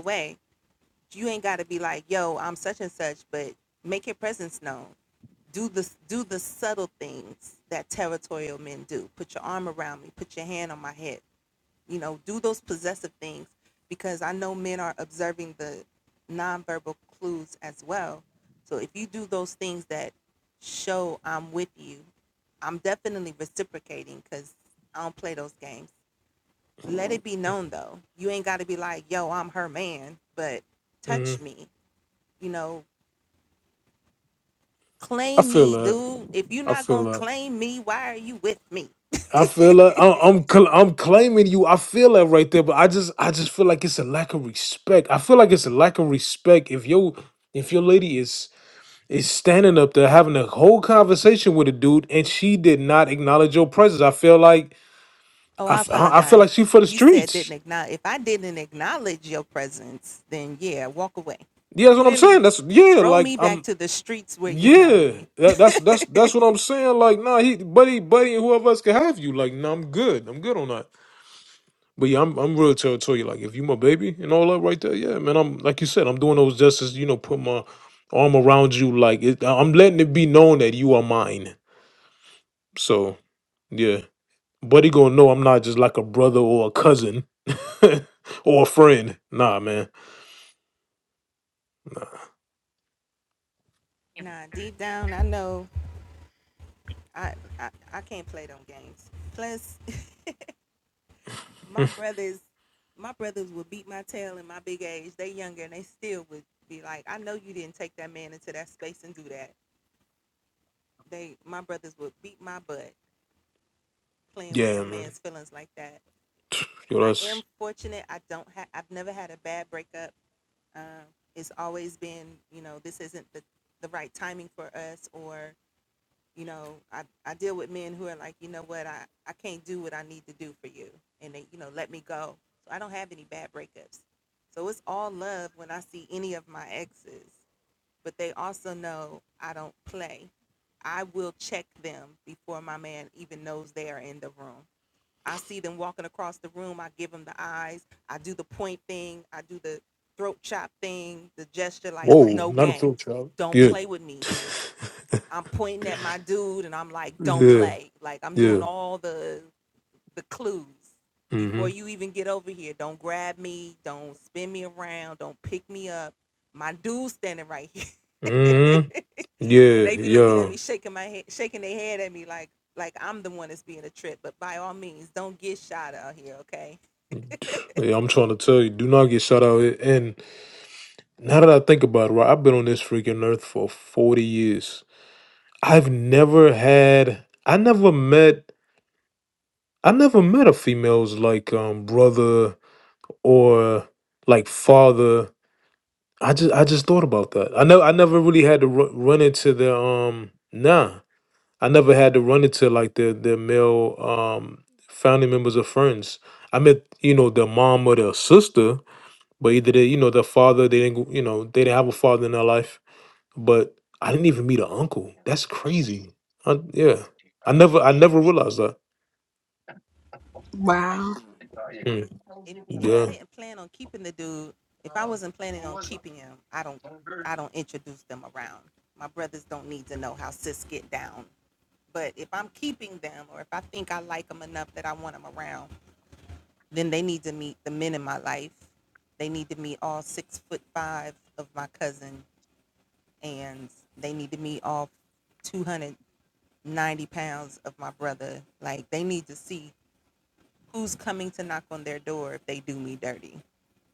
mm, I feel that. I feel that. I feel that. I'm I'm, cl- I'm claiming you. I feel that right there, but I just I just feel like it's a lack of respect. I feel like it's a lack of respect if your if your lady is is standing up there having a whole conversation with a dude and she did not acknowledge your presence. I feel like I, f- I I feel like she for the streets. Yeah, that's what I'm saying. That's yeah. Like I'm Yeah, that, that's that's that's what I'm saying. Like, nah, he buddy, buddy, and whoever else can have you. Like, nah, I'm good. I'm good on that. But yeah, I'm I'm real territorial. Like, if you my baby and all that right there, yeah, man. I'm like you said, I'm doing those justice. You know, put my arm around you. Like, it, I'm letting it be known that you are mine. So yeah, buddy, gonna know I'm not just like a brother or a cousin or a friend. Nah, man. Nah. yeah, man. Yo, that's whoa, not a throat job. Yeah, yeah, yeah. hmm hmm Yeah, yeah, yeah. I'm trying to tell you, do not get shot out. And now that I think about it, right, I've been on this freaking earth for 40 years. I've never had, I never met, I never met a female's like um brother or like father. I just, I just thought about that. I know, I never really had to ru- run into the um. Nah, I never had to run into like the the male um family members or friends. I met you know the mom or the sister, but either they you know the father they didn't go- you know they didn't have a father in their life. But I didn't even meet an uncle. That's crazy. I, yeah, I never I never realized that.
Wow.
Mm, yeah.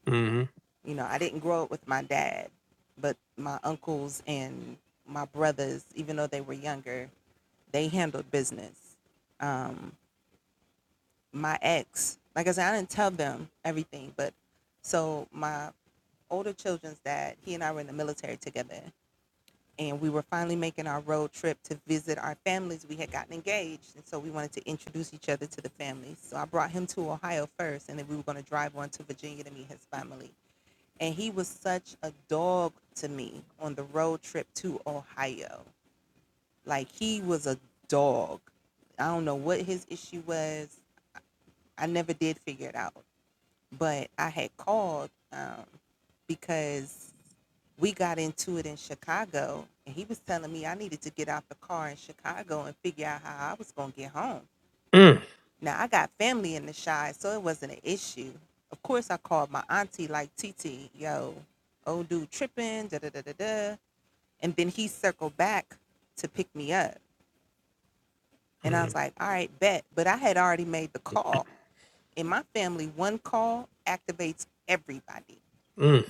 hmm Mm, mm, mm,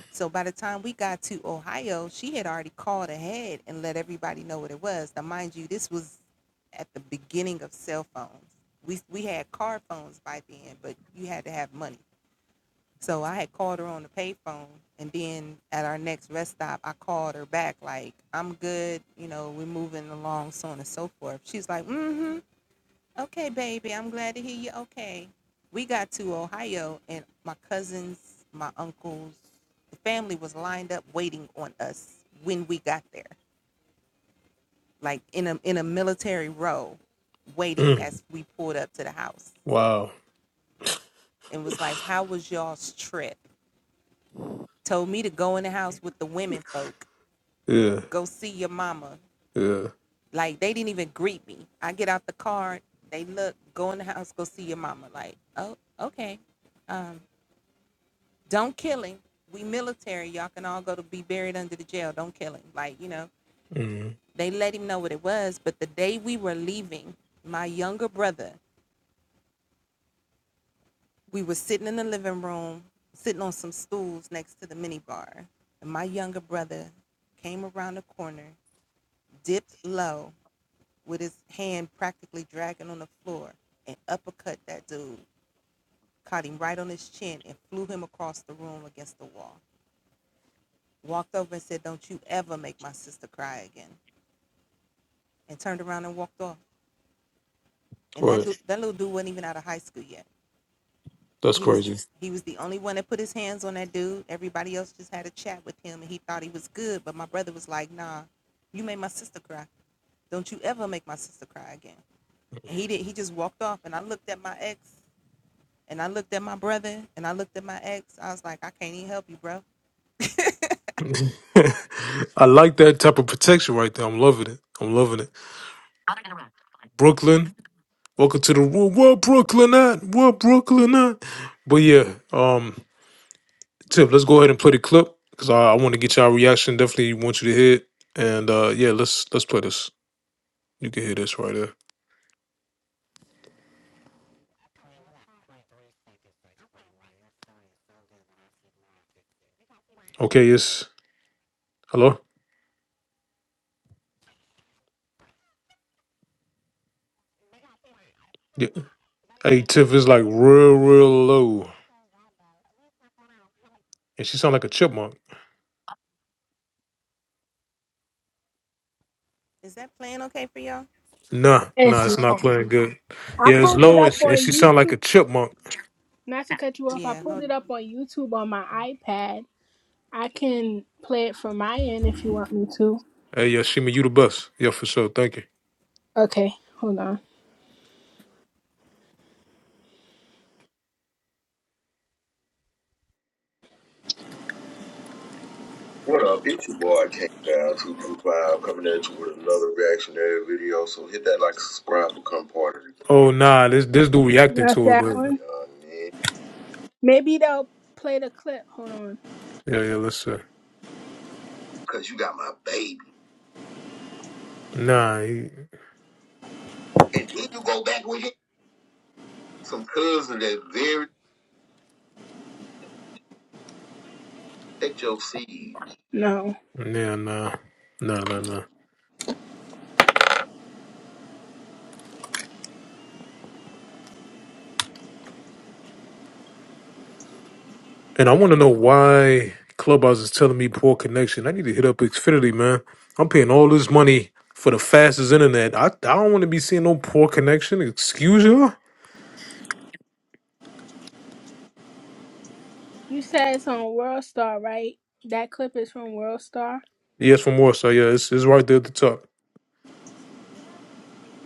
mm. Wow. Yeah. Yeah. hmm Right. That's crazy. I like that type of protection right there. I'm loving it. I'm loving it. Brooklyn. Welcome to the world. What Brooklyn at? What Brooklyn at? But yeah, um, Tip, let's go ahead and play the clip because I, I want to get y'all reaction. Definitely want you to hear it. And uh yeah, let's let's play this. You can hear this right there. Okay, it's hello? Yeah. Hey Tiff is like real, real low. And she sound like a chipmunk. Nah, nah,
It's
it's not
long.
playing good.
I
Yeah, it's
pulled it
low and,
up on
and she sound like a
YouTube.
chipmunk.
Not to cut you off, I pulled it up on YouTube on my iPad. I can play it from my end if you want me to.
Hey, yeah, Shima, you the best. Yeah, for sure. Thank you.
Okay, hold on. What up? It's your boy K Down Two Two Five coming at you with another reactionary video. So hit that like, subscribe, become part of the
Oh nah, this this dude reacting
Not
to it,
that
but
one. you know Maybe they'll play the clip. Hold on.
Yeah, yeah, listen.
Cause you got my baby,
Nah, he,
and then you go back with it. Some cousin that very that your seed. No.
nah, nah, nah, nah, nah. And I want to know why Clubhouse is telling me poor connection. I need to hit up Xfinity, man. I'm paying all this money for the fastest internet. I, I don't want to be seeing no poor connection. Excuse you?
You said it's on World Star, right? That clip is from World Star.
Yes, from Warsaw. Yeah, it's, it's right there at the top.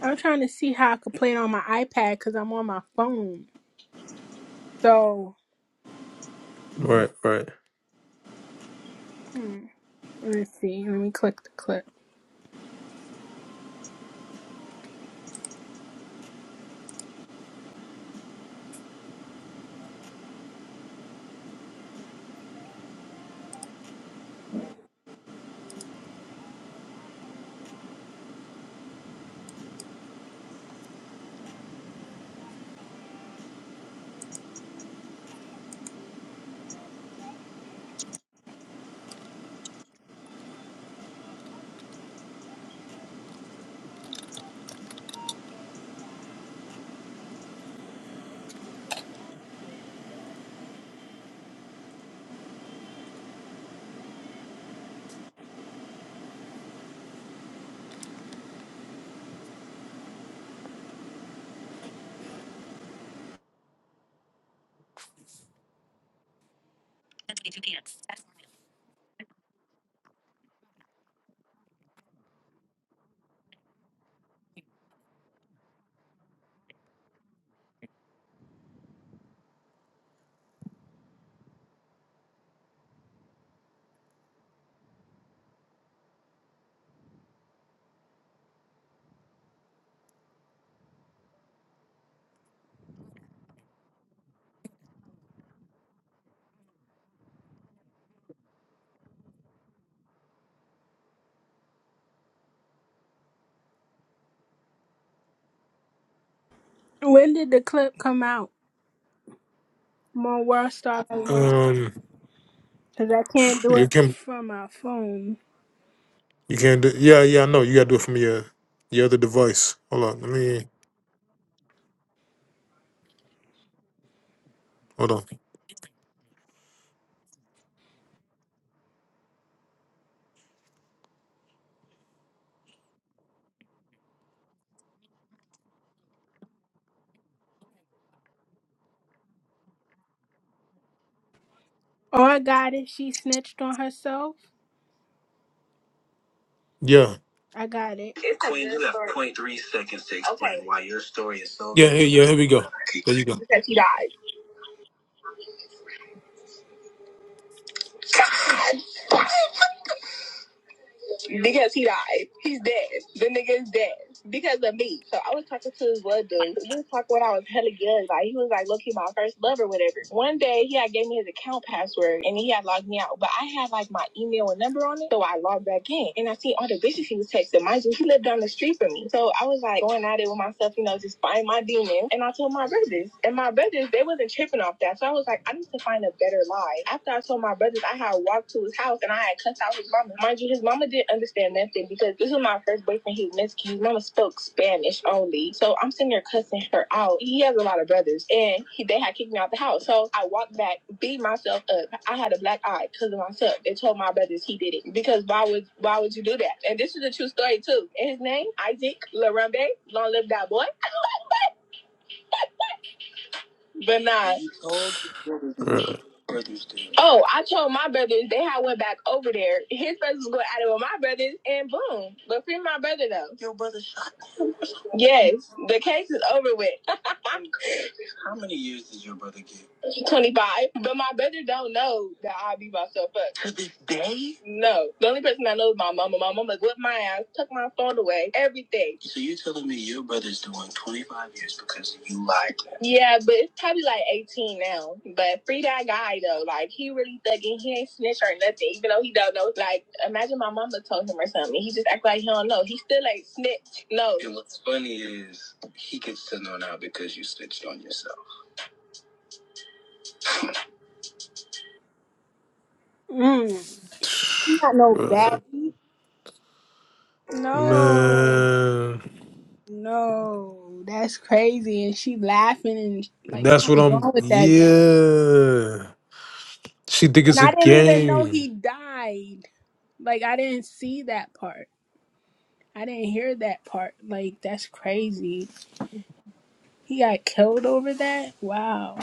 I'm trying to see how I could play it on my iPad because I'm on my phone. So,
Right, right.
hmm, let me see. Let me click the clip. When did the clip come out? I'm on World Star right now.
Um,
Because I can't do
you
it
can
from my phone.
you can do. Yeah, yeah, I know. You gotta do it from your your other device. Hold on. Let me. Hold on.
Oh, I got it. She snitched on herself.
Yeah.
I got it. It's a Queen, good you have story. point 0.3 seconds to explain Okay. why your story is so.
Yeah. hey, Yeah. Here we go. There you go.
Because she died. Yes, he died. He's dead. The nigga is dead because of me. So I was talking to this one dude. We was talking when I was hella young. Like he was like, look, he my first love or whatever. One day he had gave me his account password and he had logged me out, but I had like my email and number on it, so I logged back in and I seen all the bitches he was texting. Mind you, he lived down the street from me, so I was like going at it with myself, you know, just find my demon. And I told my brothers, and my brothers they wasn't tripping off that, so I was like, I need to find a better life. After I told my my brothers, I had walked to his house and I had cussed out his mama. Mind you, his mama didn't understand nothing because this was my first boyfriend. He was Mexican. His mama spoke Spanish only. So I'm sitting there cussing her out. He has a lot of brothers and he, they had kicked me out the house. So I walked back, beat myself up. I had a black eye because of myself. They told my brothers he did it because why would why would you do that? And this is a true story too. And his name, Isaac Larambe. Long live that boy. But nah.
Bruh,
Oh, I told my brothers. They had went back over there. His brothers was going at it with my brothers, and boom. But free my brother though. Yes, the case is over with. Twenty five. But my brother don't know that I beat myself up. No, the only person I know is my mama. My mama whipped my ass, took my phone away, everything. So you're telling me your brother's doing 25 years because you lied to him? Yeah, but it's probably like 18 now. But free that guy though, like he really thugging. He ain't snitch or nothing, even though he don't know. Like imagine my mama told him or something. He just act like he don't know. He still ain't snitch. No. And what's funny is he gets to know now because you snitched on yourself. Mm. He got no So
bruh.
No.
Man,
No, that's crazy. And she laughing and like
that's what
something's
I'm.
wrong with that girl.
Yeah, she think
And
it's a
I didn't even know
game.
he died. Like I didn't see that part. I didn't hear that part. Like that's crazy. He got killed over that? Wow.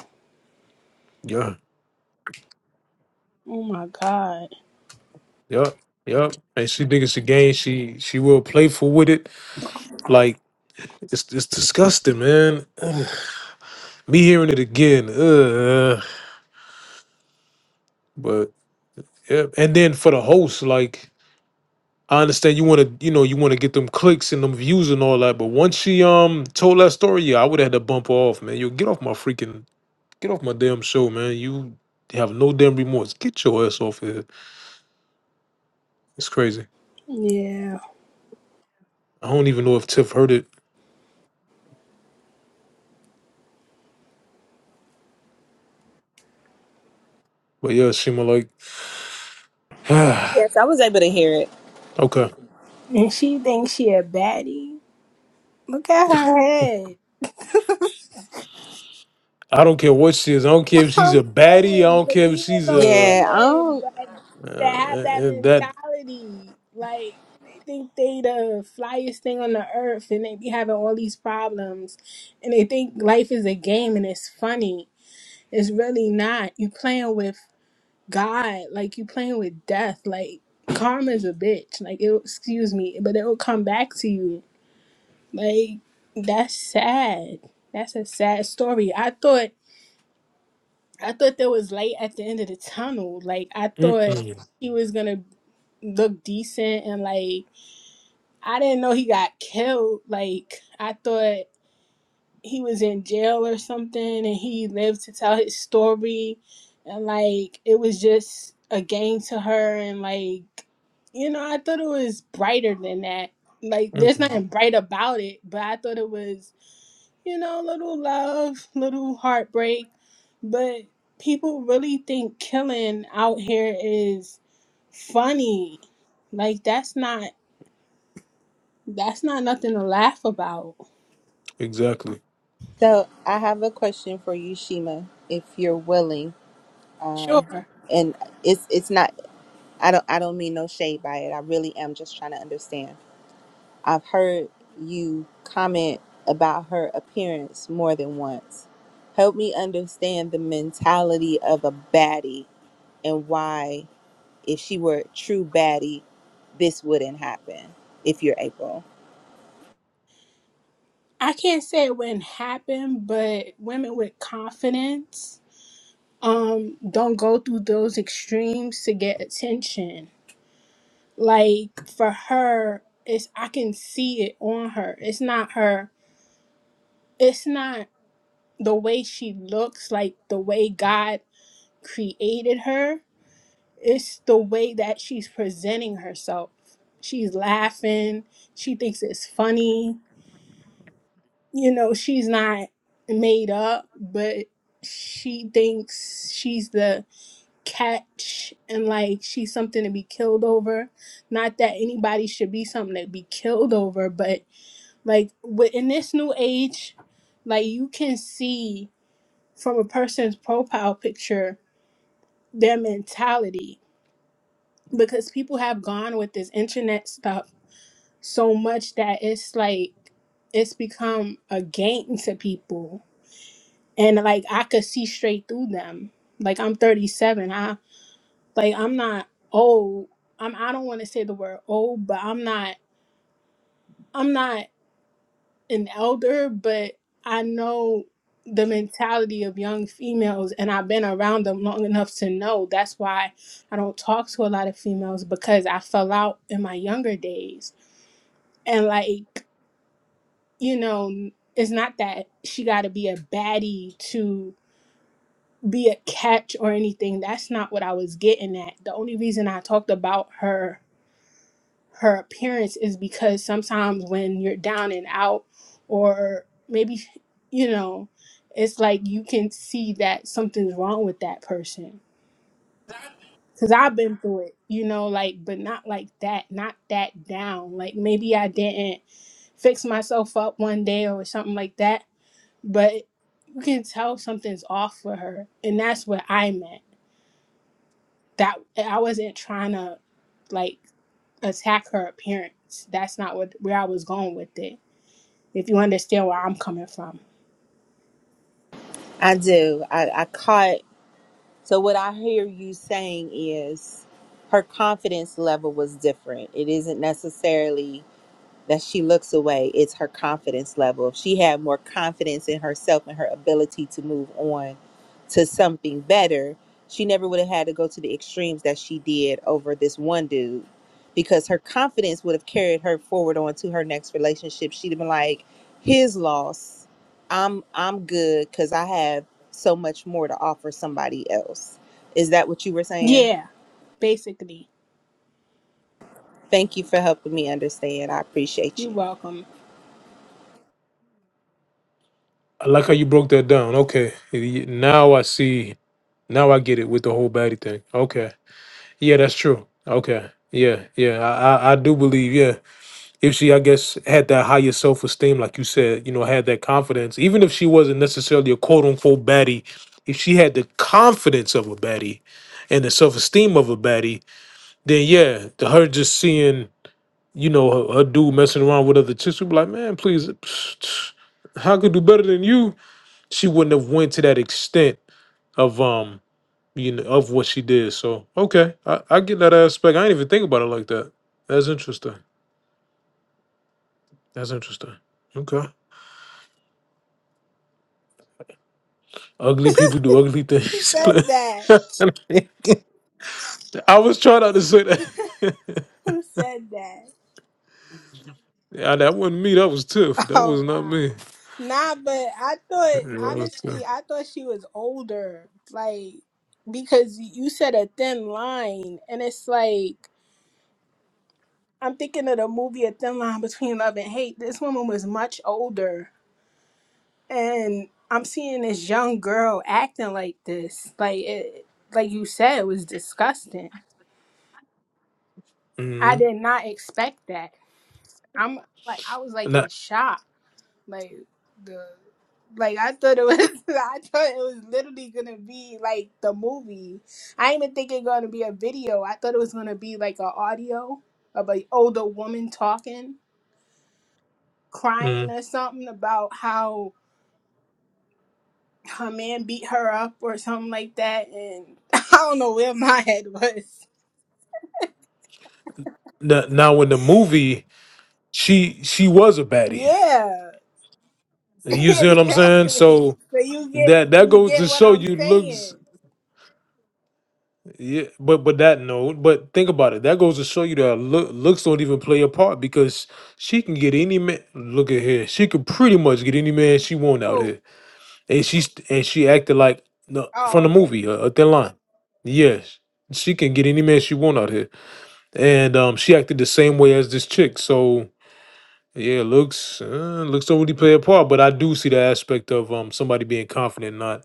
Yeah,
Oh my god.
yeah, yeah. And she think it's a game. She she real playful with it. Like it's it's disgusting, man. Ugh. Me hearing it again. Ugh. But yeah, and then for the host, like I understand you want to, you know, you want to get them clicks and them views and all that. But once she um told that story, yeah, I would have had to bump her off, man. You get off my freaking Get off my damn show, man. You have no damn remorse. Get your ass off here. It's crazy.
Yeah.
I don't even know if Tiff heard it, but yeah, Shima like, okay.
Yes, I was able to hear it.
And she thinks she a baddie. Look at her
I don't care what she is. I don't care if she's
I'm
a baddie. I
saying,
don't
but
care if
these
she's
are the
a uh,
Yeah.
women
Um.
that
uh,
that have that
uh, that.
mentality. Like they think they the flyest thing on the earth, and they be having all these problems, and they think life is a game and it's funny. It's really not. You playing with God, like you playing with death. Like karma's a bitch. Like it, excuse me, but it will come back to you. Like that's sad. That's a sad story. I thought I thought there was light at the end of the tunnel. Like I thought
Mm-mm,
he was gonna look decent and like I didn't know he got killed. Like I thought he was in jail or something and he lived to tell his story and like it was just a game to her and like you know, I thought it was brighter than that. Like there's
mm-mm.
nothing bright about it, but I thought it was you know, little love, little heartbreak. But people really think killing out here is funny. Like that's not that's not nothing to laugh about.
Exactly.
So I have a question for you, Shima, if you're willing. Um,
Sure.
and it's it's not. I don't I don't mean no shade by it. I really am just trying to understand. I've heard you comment about her appearance more than once. Help me understand the mentality of a baddie and why if she were a true baddie, this wouldn't happen if you're April.
I can't say it wouldn't happen, but women with confidence um don't go through those extremes to get attention. Like for her, it's I can see it on her. It's not her it's not the way she looks, like the way God created her, it's the way that she's presenting herself. She's laughing, she thinks it's funny. You know, she's not made up, but she thinks she's the catch and like she's something to be killed over. Not that anybody should be something to be killed over, but like wi- in this new age, like you can see from a person's profile picture their mentality because people have gone with this internet stuff so much that it's like it's become a game to people and like i could see straight through them like i'm 37 i like i'm not old i'm i don't want to say the word old but i'm not i'm not an elder, but I know the mentality of young females and I've been around them long enough to know that's why I don't talk to a lot of females because I fell out in my younger days. And like, you know, it's not that she got to be a baddie to be a catch or anything. That's not what I was getting at. The only reason I talked about her her appearance is because sometimes when you're down and out or maybe you know it's like you can see that something's wrong with that person because i've been through it you know like but not like that not that down like maybe i didn't fix myself up one day or something like that but you can tell something's off with her and that's what i meant that i wasn't trying to like attack her appearance that's not what where i was going with it if you understand where I'm coming from.
I do. I, I caught so what I hear you saying is her confidence level was different. It isn't necessarily that she looks away it's her confidence level if she had more confidence in herself and her ability to move on to something better she never would have had to go to the extremes that she did over this one dude because her confidence would have carried her forward on to her next relationship she'd have been like his loss i'm i'm good because i have so much more to offer somebody else is that what you were saying
Yeah, basically.
thank you for helping me understand i appreciate
You're
you
welcome.
I like how you broke that down. Okay, Y- now I see. Now I get it with the whole baddie thing. Okay. Yeah, that's true. Okay. Yeah, yeah. I I, I do believe. Yeah. if she i guess had that higher self-esteem like you said you know had that confidence even if she wasn't necessarily a quote-unquote baddie if she had the confidence of a baddie and the self-esteem of a baddie then yeah the, her just seeing you know her, her dude messing around with other chicks would be like man please how could do better than you she wouldn't have went to that extent of um you know of what she did so okay i, I get that aspect i didn't even think about it like that that's interesting that's interesting okay Ugly people do ugly
Who
things.
said that?
I was trying not to say that.
Who said that?
Yeah, that wasn't me. That was Tiff. That was
Oh
not
wow.
me.
Nah, but I
Yeah,
thought
That was Tiff.
honestly, I thought she was older. Like because you said a thin line and it's like I'm thinking of the movie A Thin Line Between Love and Hate. This woman was much older and I'm seeing this young girl acting like this. Like it like you said, it was disgusting. I
hmm
did not expect that. I'm like I was like
Now,
in shock. Like the like I thought it was I thought it was literally gonna be like the movie. I didn't even think it gonna be a video. I thought it was gonna be like a audio of an older woman talking, crying
mm.
or something about how her man beat her up or something like that and I don't know where my head was.
now, now, in the movie, she she was a baddie.
Yeah.
You see what I'm saying?
exactly.
So
So you get
that that
you
goes
get
to
what
show
I'm
you looks.
saying.
Yeah, but but that note. But think about it. That goes to show you that look, looks don't even play a part because she can get any man. Look at here. She could pretty much get any man she want out here.
Who?
and she's and she acted like the, from the
Oh, okay.
movie, uh, a thin line. Yes, she can get any man she want out here, and um, she acted the same way as this chick. So yeah, looks uh, looks don't really play a part, but I do see the aspect of um somebody being confident, not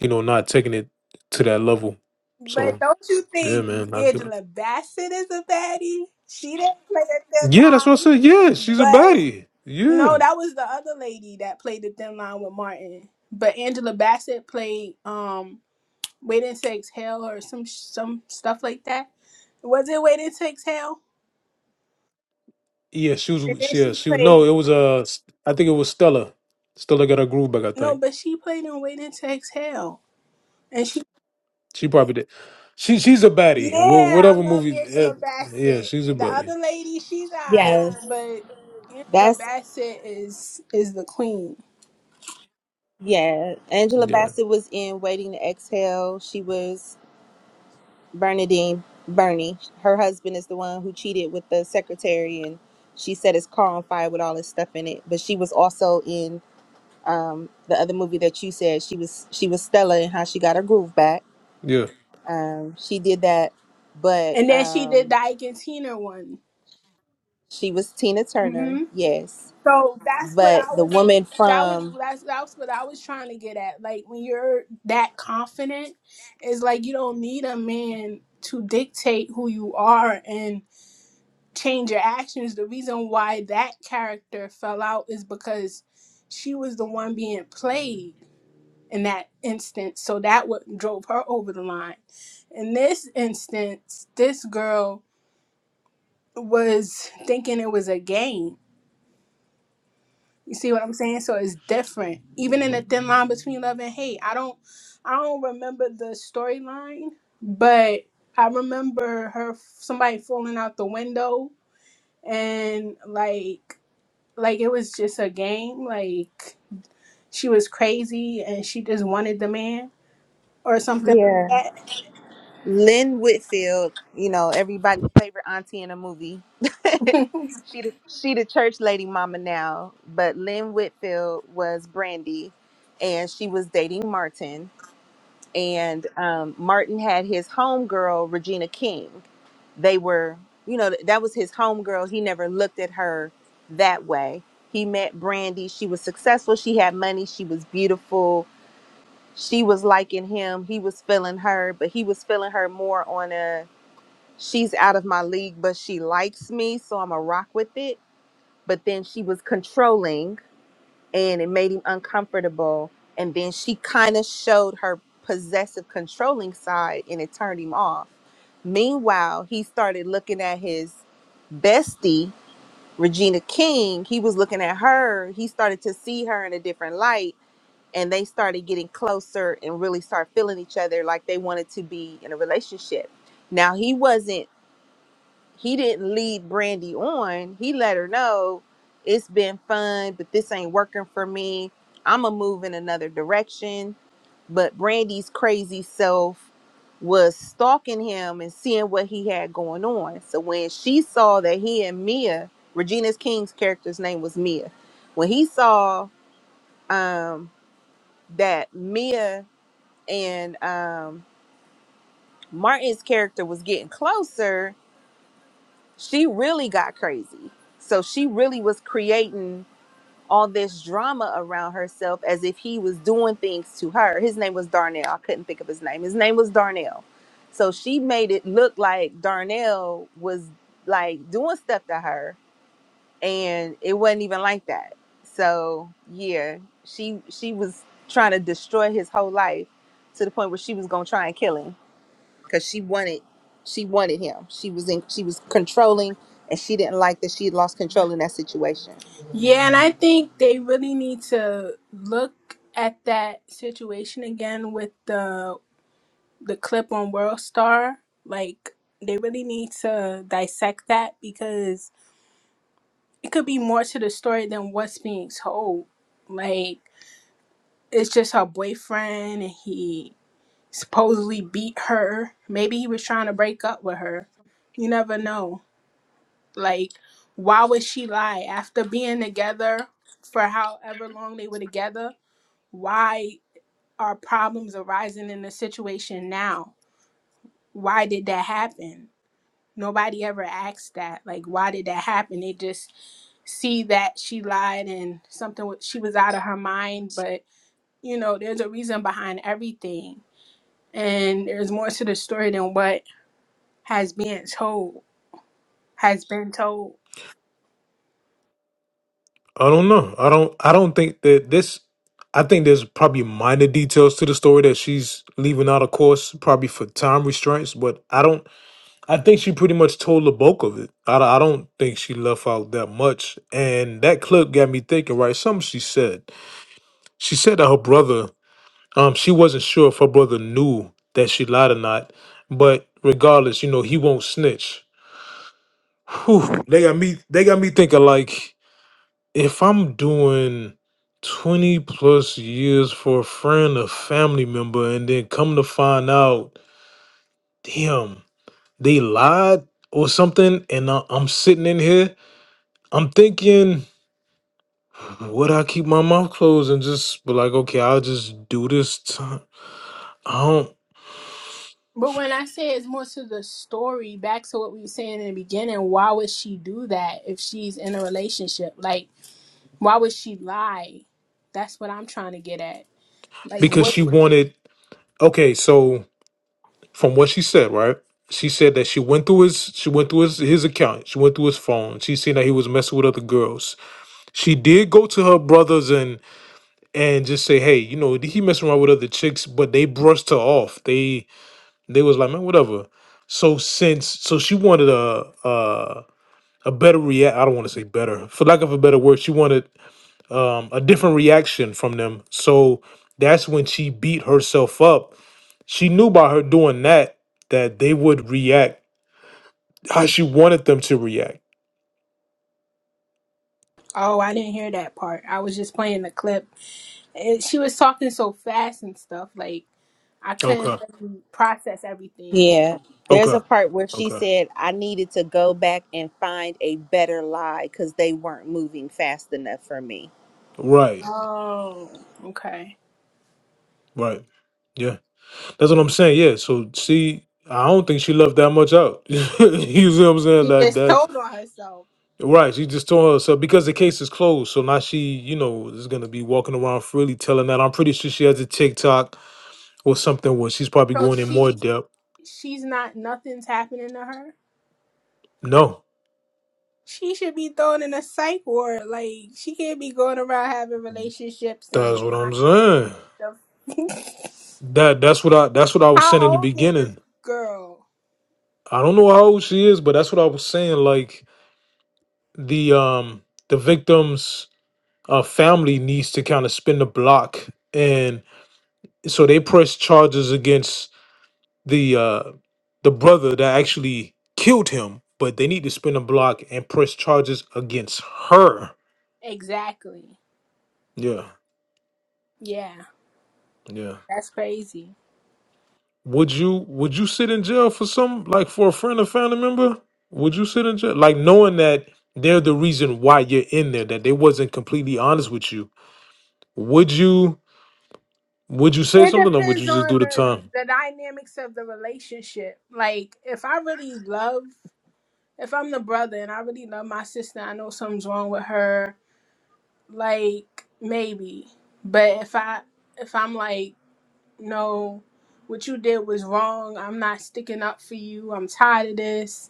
you know not taking it to that level.
But
So
don't you
yeah,
think
man, not good.
Angela Bassett is a baddie? She didn't play the thin
Yeah, that's what I
line.
said. Yeah, she's a
But
baddie. Yeah,
no, that was the other lady that played the thin line with Martin. But Angela Bassett played um Waiting to Exhale or some some stuff like that. Was it Waiting to Exhale?
yeah, she
And then
was.
she
Yeah, she no,
played.
it was uh, I think it was Stella. Stella got her groove back, I think.
No, but she played in Waiting to Exhale. and
She probably did. She she's a baddie. Wh-
Yeah, I
Whatever
love
movie. Yeah,
Angela
yeah,
Bassett.
she's a
The
baddie.
other lady, she's
Yeah,
alright,
Yes.
but Angela
that's
Bassett is is the queen.
Yeah, Angela
yeah,
Bassett was in Waiting to Exhale. She was Bernadine Bernie. Her husband is the one who cheated with the secretary, and she set his car on fire with all his stuff in it. But she was also in um, the other movie that you said she was. She was Stella and how she got her groove back.
yeah.
Um, she did that, but
And then she did
um,
the Ike and Tina one.
she was Tina Turner.
hmm
Yes,
So that's what
but
I
the
was.
woman
That was
from
that's that's what I was trying to get at. Like when you're that confident, it's like you don't need a man to dictate who you are and change your actions. The reason why that character fell out is because she was the one being played in that instance. So that what drove her over the line. In this instance, this girl was thinking it was a game. You see what I'm saying? So it's different. Even in the thin line between love and hate. I don't I don't remember the storyline, but I remember her somebody falling out the window and like like it was just a game, like she was crazy and she just wanted the man or something
yeah Lynn Whitfield, you know, everybody's favorite auntie in a movie. she the, she the church lady mama now, but Lynn Whitfield was Brandy and she was dating Martin and um, Martin had his homegirl Regina King. They were, you know, that was his homegirl. He never looked at her that way. He met Brandy. She was successful. She had money. She was beautiful. She was liking him. He was feeling her, but he was feeling her more on a she's out of my league, but she likes me, so I'm a rock with it. But then she was controlling and it made him uncomfortable. And then she kind of showed her possessive controlling side and it turned him off. Meanwhile, he started looking at his bestie, Regina King. He was looking at her. He started to see her in a different light. And they started getting closer and really start feeling each other like they wanted to be in a relationship. Now he wasn't he didn't lead Brandy on. He let her know it's been fun, but this ain't working for me. I'm gonna move in another direction. But Brandy's crazy self was stalking him and seeing what he had going on. So when she saw that he and Mia, Regina's King's character's name was Mia, when he saw um, that Mia and um, Martin's character was getting closer, she really got crazy. So she really was creating all this drama around herself as if he was doing things to her. His name was Darnell. I couldn't think of his name. His name was Darnell. So she made it look like Darnell was like doing stuff to her and it wasn't even like that. So, yeah, she she was trying to destroy his whole life to the point where she was going to try and kill him because she wanted she wanted him. She was in she was controlling and she didn't like that she had lost control in that situation.
Yeah, and I think they really need to look at that situation again with the the clip on World Star. Like they really need to dissect that because it could be more to the story than what's being told. Like it's just her boyfriend and he supposedly beat her. Maybe he was trying to break up with her. You never know. Like why would she lie after being together for however long they were together? why are problems arising in the situation now? Why did that happen? Nobody ever asked that. Like, why did that happen? They just see that she lied and something wa- she was out of her mind. But you know, there's a reason behind everything, and there's more to the story than what has been told. Has been told.
I don't know. I don't. I don't think that this. I think there's probably minor details to the story that she's leaving out, of course, probably for time restraints. But I don't. I think she pretty much told the bulk of it. I, I don't think she left out that much. And that clip got me thinking. Right, something she said. She said that her brother Um, she wasn't sure if her brother knew that she lied or not, but regardless, you know, he won't snitch. Whew, they got me. They got me thinking like, if I'm doing twenty plus years for a friend or family member, and then come to find out, damn, they lied or something, and I, I'm sitting in here, I'm thinking, would I keep my mouth closed and just be like, okay, I'll just do this? Time? I don't
But when I say it's more to the story, back to what we were saying in the beginning, why would she do that if she's in a relationship? Like Why would she lie? That's what I'm trying to get at. Like
because
what?
she wanted. Okay, so. from what she said, right? She said that she went through his she went through his, his account. She went through his phone. She seen that he was messing with other girls. She did go to her brothers and and just say, hey, you know, he messing around with other chicks, but they brushed her off. They they was like, man, whatever. So since so she wanted a a, a better react. I don't want to say better, for lack of a better word, she wanted um, a different reaction from them. So that's when she beat herself up. She knew by her doing that that they would react how she wanted them to react.
Oh, I didn't hear that part. I was just playing the clip. And she was talking so fast and stuff. Like I couldn't
Okay.
really process everything.
Yeah. There's
Okay.
a part where she
Okay.
said, I needed to go back and find a better lie because they weren't moving fast enough for me.
Right.
Oh, okay.
Right. Yeah. That's what I'm saying. Yeah. So she I don't think she left that much out. you see what I'm saying?
She just
Like
told on herself.
Right, she just told herself because the case is closed. So now she, you know, is gonna be walking around freely telling that. I'm pretty sure she has a TikTok or something where she's probably
So
going in more
she
depth.
she's not nothing's happening to her.
No,
She should be thrown in a psych ward. Like she can't be going around having relationships and
that's what I'm saying.
lying stuff.
That that's what I that's what I was saying in the
How old is this
beginning.
girl?
I don't know how old she is, but that's what I was saying. Like the um the victim's uh, family needs to kind of spin the block, and so they press charges against the uh the brother that actually killed him, but they need to spin a block and press charges against her.
Exactly.
Yeah,
Yeah,
yeah.
that's crazy.
Would you would you sit in jail for some like for a friend or family member? Would you sit in jail like knowing that they're the reason why you're in there, that they wasn't completely honest with you? Would you would you say
It
something or would you
depends
just
on
do the
the,
time?
the dynamics of the relationship. Like, if I really love, if I'm the brother and I really love my sister, I know something's wrong with her. Like, maybe. But if I, if I'm like, no, what you did was wrong. I'm not sticking up for you. I'm tired of this.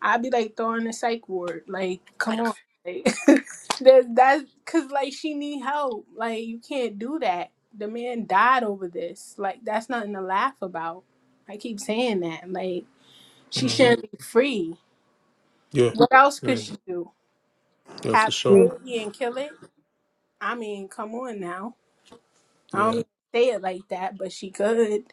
I'd be like throwing a psych ward. Like, come on. Like, that, that's because, like, she need help. Like, you can't do that. The man died over this. Like, that's nothing to laugh about. I keep saying that. Like, she
hmm
shouldn't be free.
Yeah,
What else could
yeah,
she do?
yeah, for
Have a
sure.
baby and kill it? I mean, come on now. I don't
Yeah,
mean say it like that, but she could.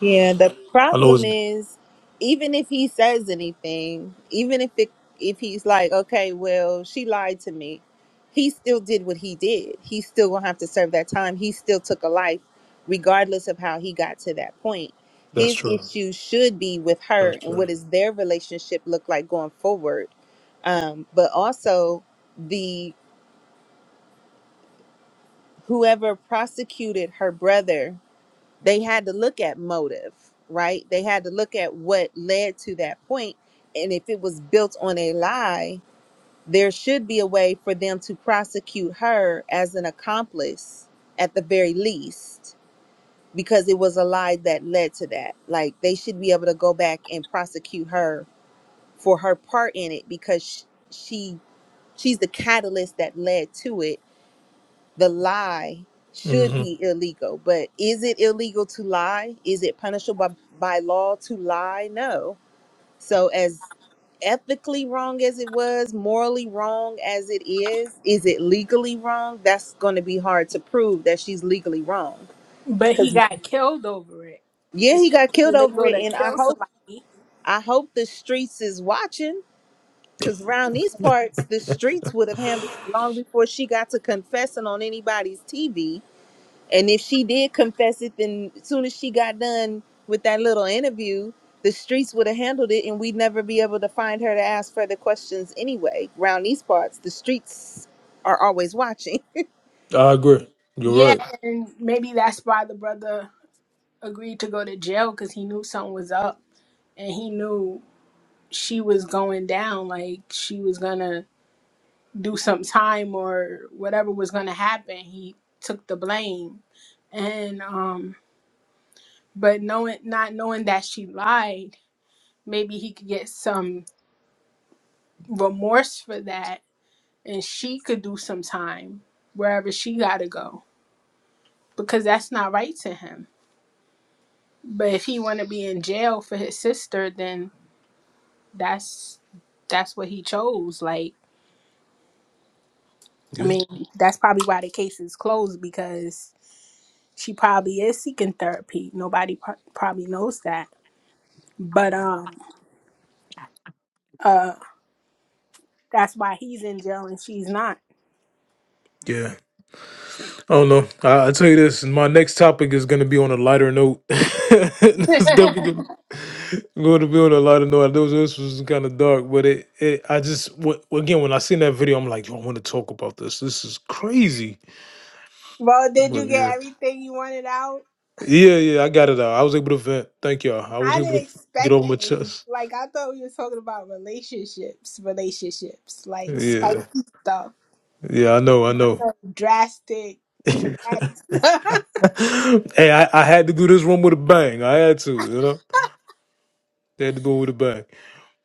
Yeah, the
I know
problem
it's
is even if he says anything, even if it if he's like, okay, well, she lied to me, he still did what he did. He's still gonna have to serve that time. He still took a life, regardless of how he got to that point.
that's
His
true.
issue should be with her
That's
and what
true.
does their relationship look like going forward. Um, but also the whoever prosecuted her brother they had to look at motive, right? They had to look at what led to that point, And if it was built on a lie, there should be a way for them to prosecute her as an accomplice at the very least, because it was a lie that led to that. Like they should be able to go back and prosecute her for her part in it because sh- she she's the catalyst that led to it the lie should
Mm-hmm.
be illegal but is it illegal to lie is it punishable by, by law to lie no so as ethically wrong as it was morally wrong as it is is it legally wrong that's going to be hard to prove that she's legally wrong
But he got killed over it.
yeah
It's
he got killed over
illegal
it
to
and i
kill
hope
somebody.
i hope the streets is watching because around these parts the streets would have handled it long before she got to confessing on anybody's tv And if she did confess it, then as soon as she got done with that little interview, the streets would have handled it and we'd never be able to find her to ask further questions anyway. Round these parts, the streets are always watching.
I agree. You're
Yeah,
right.
and maybe that's why the brother agreed to go to jail because he knew something was up and he knew she was going down like she was gonna do some time or whatever was gonna happen he took the blame and um but knowing not knowing that she lied maybe he could get some remorse for that and she could do some time wherever she gotta go because that's not right to him but if he want to be in jail for his sister then that's that's what he chose. Like, I
Yeah.
mean, that's probably why the case is closed because she probably is seeking therapy. Nobody pro- probably knows that, but um, uh, that's why he's in jail and she's not.
Yeah. I don't know. I, I tell you this, my next topic is gonna be on a lighter note. it's definitely gonna, be on a lighter note. I know this was kind of dark, but it, it I just wh- again when I seen that video, I'm like, yo, I want to talk about this. This is crazy.
Well, did
But
you get
yeah.
everything you wanted out?
Yeah, yeah, I got it out. I was able to vent. Thank y'all. I was
I
able
didn't
to get
expect
off my
this.
chest.
Like, I thought we were talking about relationships, relationships, like spicy
Yeah.
stuff,
Yeah, I know, I know.
drastic, traumatic.
hey, I, I had to do this one with a bang. I had to, you know. They had to do it with a bang.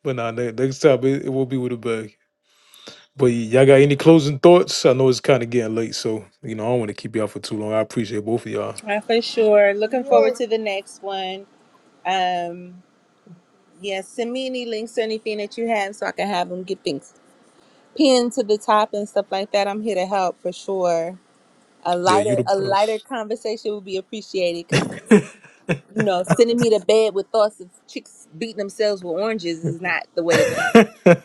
But nah, ne- next time it, it will be with a bag. But y- y'all got any closing thoughts? I know it's kind of getting late, so you know I don't want to keep y'all for too long. I appreciate both of y'all.
Uh, for sure. Looking
yeah,
forward to the next one. Um, yeah, send me any links or anything that you have so I can have them get things pinned to the top and stuff like that. I'm here to help for sure. A
Yeah, you
lighter,
the
a lighter
best.
conversation would be appreciated because. you know, sending me to bed with thoughts of chicks beating themselves with oranges is not the way to go.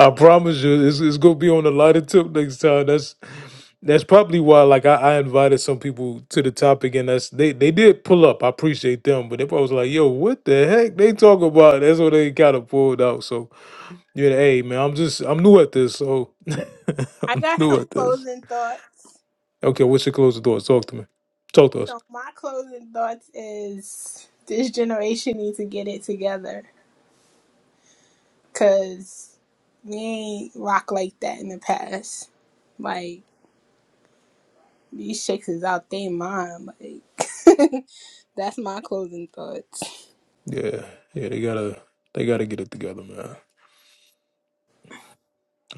I promise you, it's, it's gonna be on a lighter tip next time. That's that's probably why, like, I, I invited some people to the topic, and that's they they did pull up. I appreciate them, but they probably was like, "Yo, what the heck they talk about?" That's what they kind of pulled out. So, yeah, hey man, I'm just I'm new at this, so
I
I'm
got
new
some
at this.
closing thoughts.
Okay, we should close the door? Talk to me. Talk to us.
So my closing thoughts is this generation needs to get it together because we ain't rock like that in the past. Like these chicks is out they mind. Like that's my closing thoughts.
Yeah, yeah, they gotta they gotta get it together, man.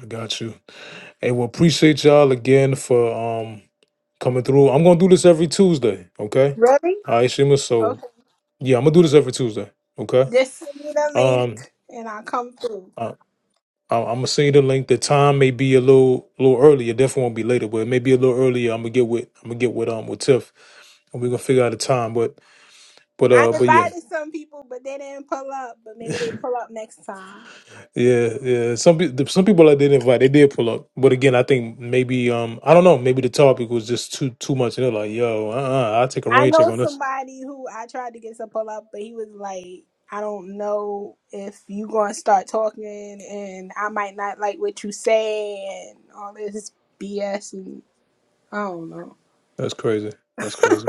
I got you. Hey, well, appreciate y'all again for um coming through. I'm gonna do this every Tuesday, okay?
Really?
All right, Shima. So
Okay.
yeah, I'm gonna do this every Tuesday, okay?
Just send me the
Um,
link and I'll come through.
uh, I'm, I'm gonna send you the link. The time may be a little, little earlier. Definitely won't be later, but it may be a little earlier. I'm gonna get with, I'm gonna get with um with Tiff, and we're gonna figure out a time. But, but
I
uh, but yeah,
invited some people, but they didn't pull up. But maybe they pull up next time.
Yeah, yeah. Some people, some people I did invite, they did pull up. But again, I think maybe, um, I don't know. Maybe the topic was just too too much. And they're like, "Yo, uh, uh I'll take a
I
rain check
know
on this."
somebody who I tried to get to pull up, but he was like, I don't know if you gonna start talking and I might not like what you say and all this BS and I don't know.
That's crazy. That's crazy.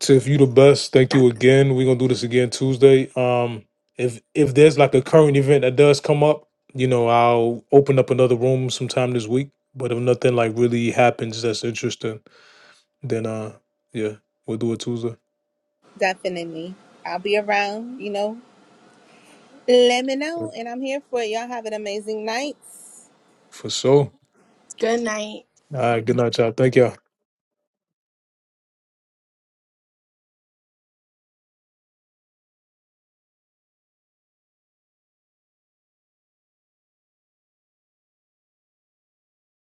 Tiff, you the best. Thank you again. We're gonna do this again Tuesday. Um, if if there's like a current event that does come up, you know, I'll open up another room sometime this week. But if nothing like really happens that's interesting, then uh, yeah, we'll do it Tuesday
Definitely. I'll be around, you know. Let me
for,
know, and I'm here for it. Y'all have an amazing night.
for sure.
Good night.
All right, good night, y'all. Thank y'all.